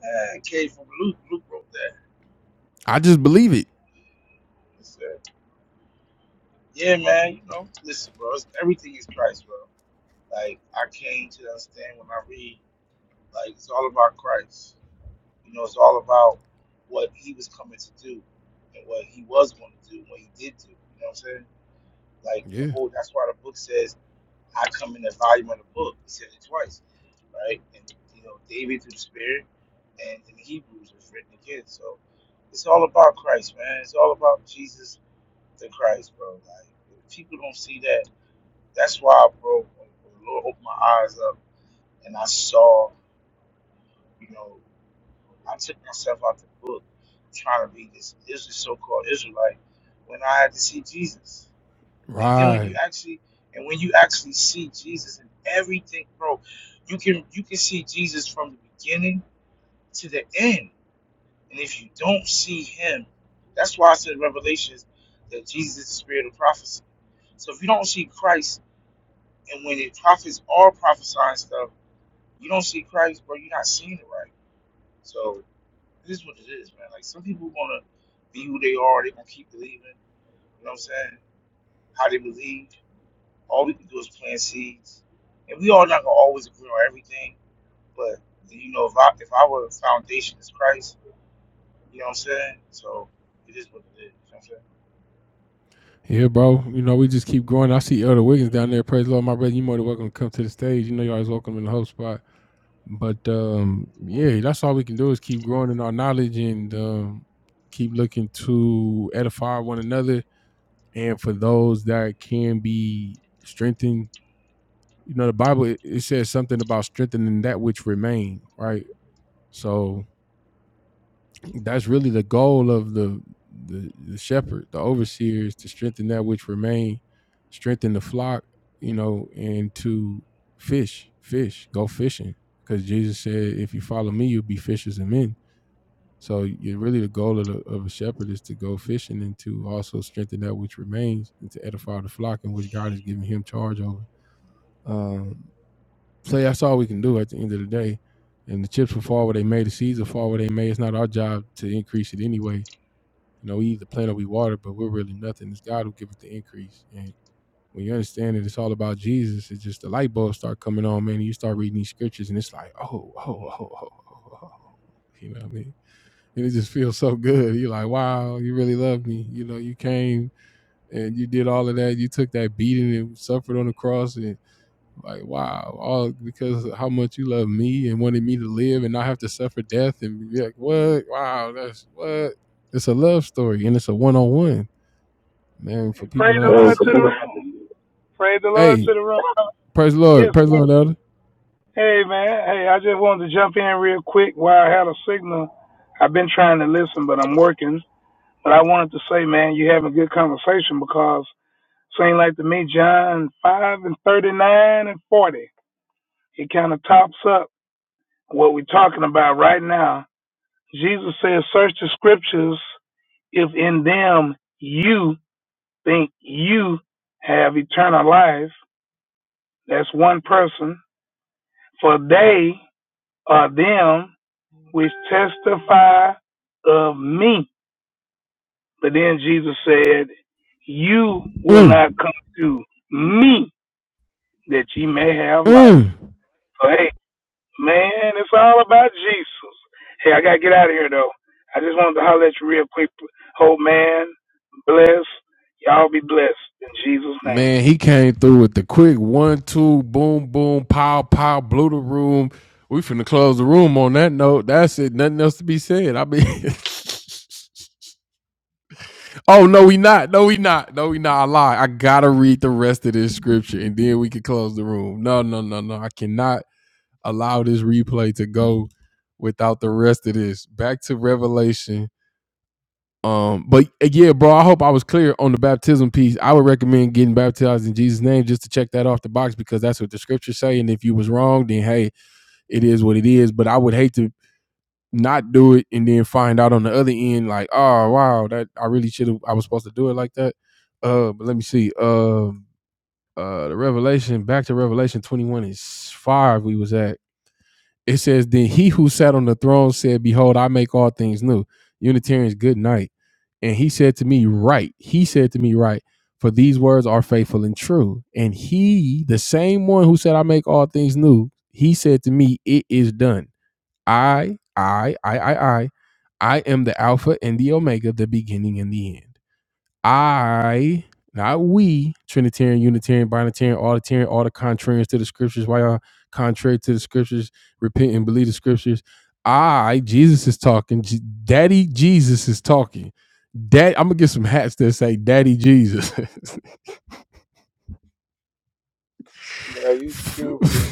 Speaker 9: Uh, it came from Luke. Luke wrote that. He said, yeah, man, you know, listen, bro, it's, everything is Christ, bro. Like, I came to understand when I read, like, it's all about Christ. You know, it's all about what he was coming to do and what he was going to do, what he did do. You know what I'm saying? Like, the whole, that's why the book says, I come in the volume of the book. He said it twice, right? And you know, David through the Spirit, and in Hebrews it's written again. So it's all about Christ, man. It's all about Jesus the Christ, bro. Like if people don't see that. That's why, bro. When, when the Lord opened my eyes up, and I saw, you know, I took myself out the book, trying to be this Israel, so-called Israelite, when I had to see Jesus. And then when you actually and when you actually see Jesus in everything, bro, you can you can see Jesus from the beginning to the end. And if you don't see him, that's why I said in Revelations that Jesus is the spirit of prophecy. So if you don't see Christ and when the prophets are prophesying stuff, you don't see Christ, bro, you're not seeing it right. So this is what it is, man. Like some people going to be who they are, they gonna keep believing, you know what I'm saying? How they believe. All we can do is plant seeds, and we all not gonna always agree on everything. But you know, if I if our foundation is Christ, you know what I'm saying. So it is what it is. You know what I'm saying.
Speaker 10: Hey, praise the Hey, Lord to the room. Praise the Lord to the room. Yes. Hey, man. Hey, I just wanted to jump in real quick while I had a signal. I've been trying to listen, but I'm working. But I wanted to say, man, you having a good conversation because seem like to me, John 5 and 39 and 40, it kind of tops up what we're talking about right now. Jesus says, search the scriptures if in them you think you have eternal life. That's one person. For they are them which testify of me. But then Jesus said, You will not come to me that ye may have life. So, hey, man, it's all about Jesus. Hey, I got to get out of here, though. I just wanted to holler at you real quick. Hope, man, bless. Y'all be blessed in Jesus' name.
Speaker 9: Yo, you stupid.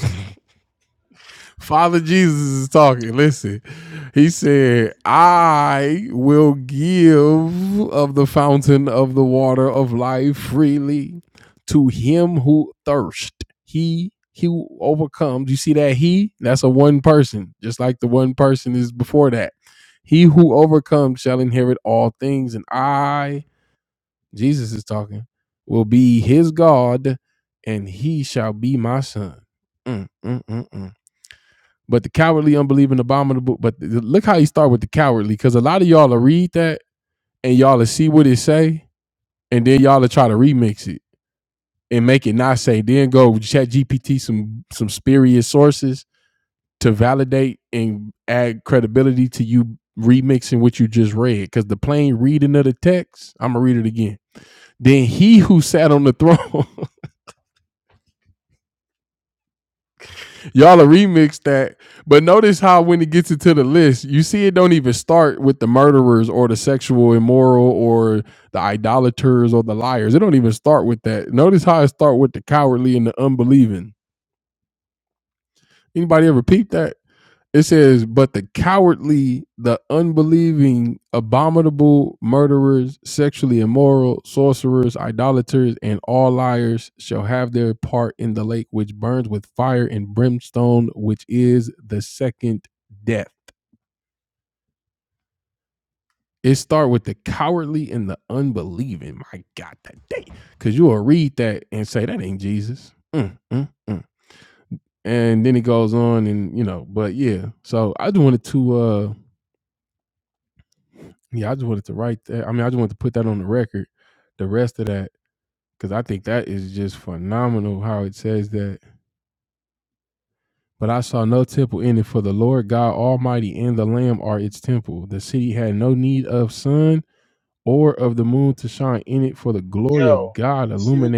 Speaker 9: Yo, see what?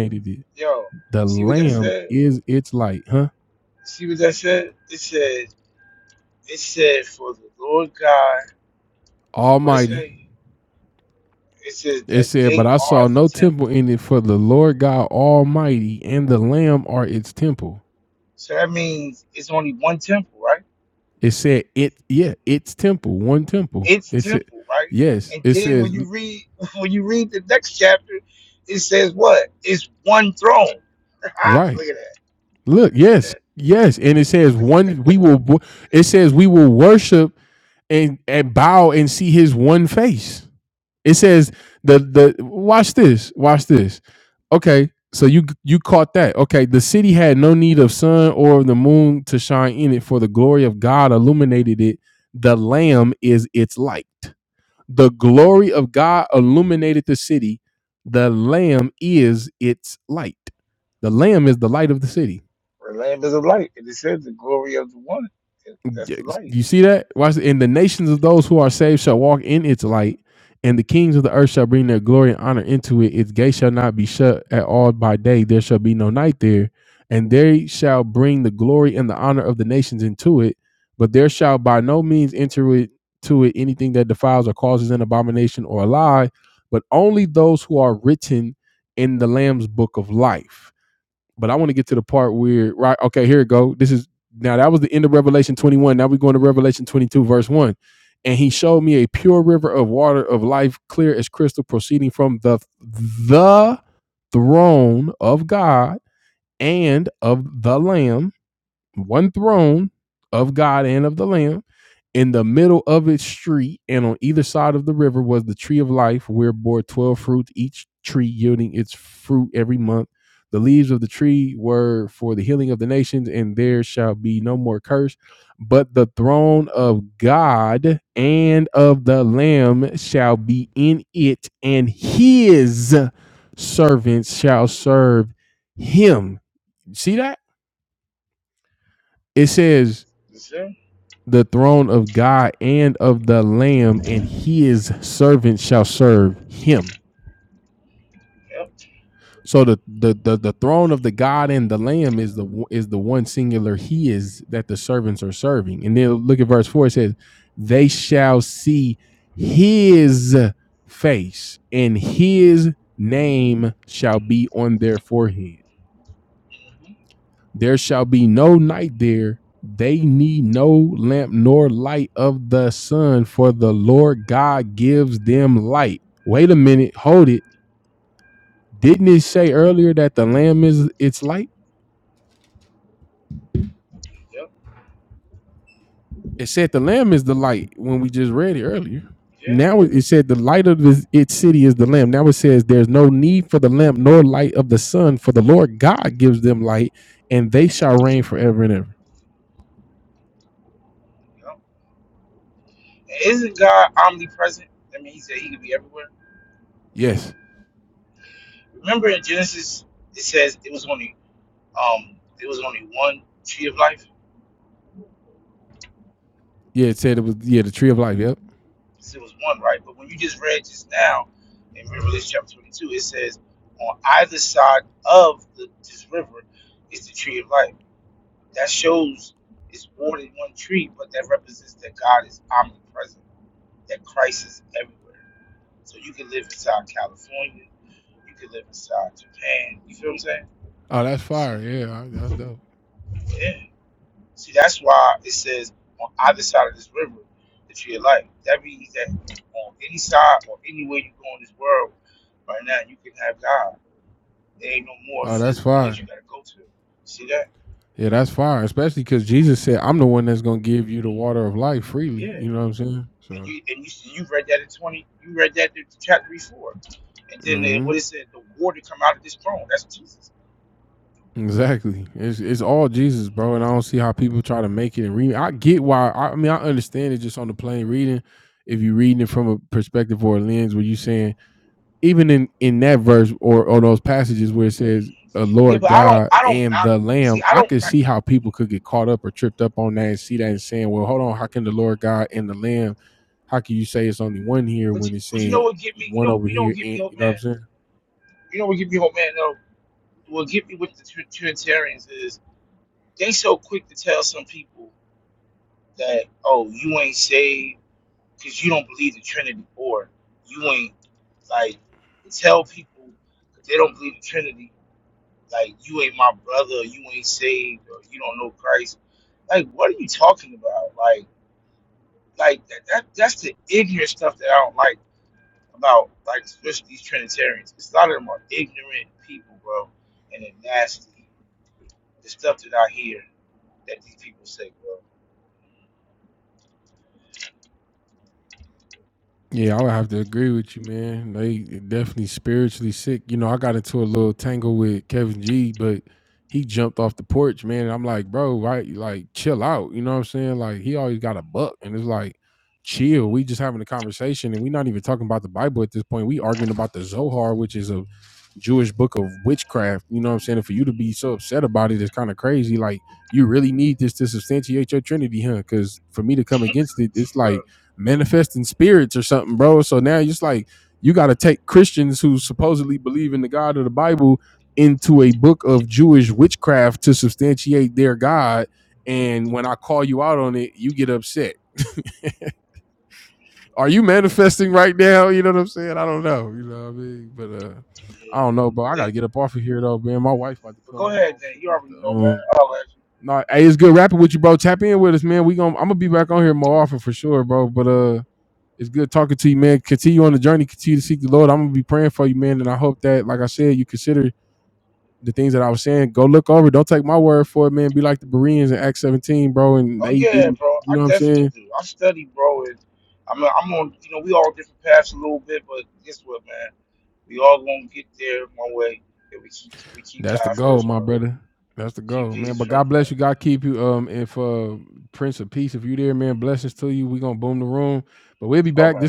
Speaker 9: Yo, see what that said? See what that said? It said it said for the Lord God, and what it say? It says that they are the temple. So that means it's only one temple, right? It's temple, right? And then when you read when you read the next chapter, it says what? It's one throne. Look at that. See that? The land is a light. And it says the glory of the one. That's the light. You see? Yep. Yep. Yeah. Yep. Isn't God omnipresent? I mean he said he could be everywhere. Remember in Genesis it says it was only um it was only one tree of life? So it was one, right? But when you just read just now in Revelation chapter 22, it says, on either side of the, this river is the tree of life. That shows it's more than one tree, but that represents that God is omnipresent, that Christ is everywhere. So you can live inside California, you can live inside Japan. You feel what I'm saying? You see that? Yeah. See, that's why it says on either side of this river, the tree of life. That means that on any side or anywhere you go in this world right now, you can have God. There ain't no more physical place you gotta go to. See that? Yeah. And you and you you read that in twenty. You read that in chapter before. And then uh, what it said, the water come out of this throne. That's Jesus. Yeah, but I don't. I don't not see. I don't. I, but you, but you know what get me? You know you know what get me hope, man. You know what get me hope, man. No, what get me with the Trinitarians is they so quick to tell some people that oh you ain't saved because you don't believe the Trinity or you ain't like tell people if they don't believe the Trinity like you ain't my brother or you ain't saved or you don't know Christ like what are you talking about like like that, that that's the ignorant stuff that I don't like about like especially these Trinitarians 'Cause a lot of them are ignorant people bro and they're nasty the stuff that I hear that these people say bro For real. Yeah. They, but go ahead, then. You already know, man. I'll let you. Oh yeah, bro. I definitely do. I study, bro, and i mean, I'm on. You know, we all different paths a little bit, but guess what, man? We all gonna get there one way if we keep we keep God first, bro. Keep Jesus first, man. Alright.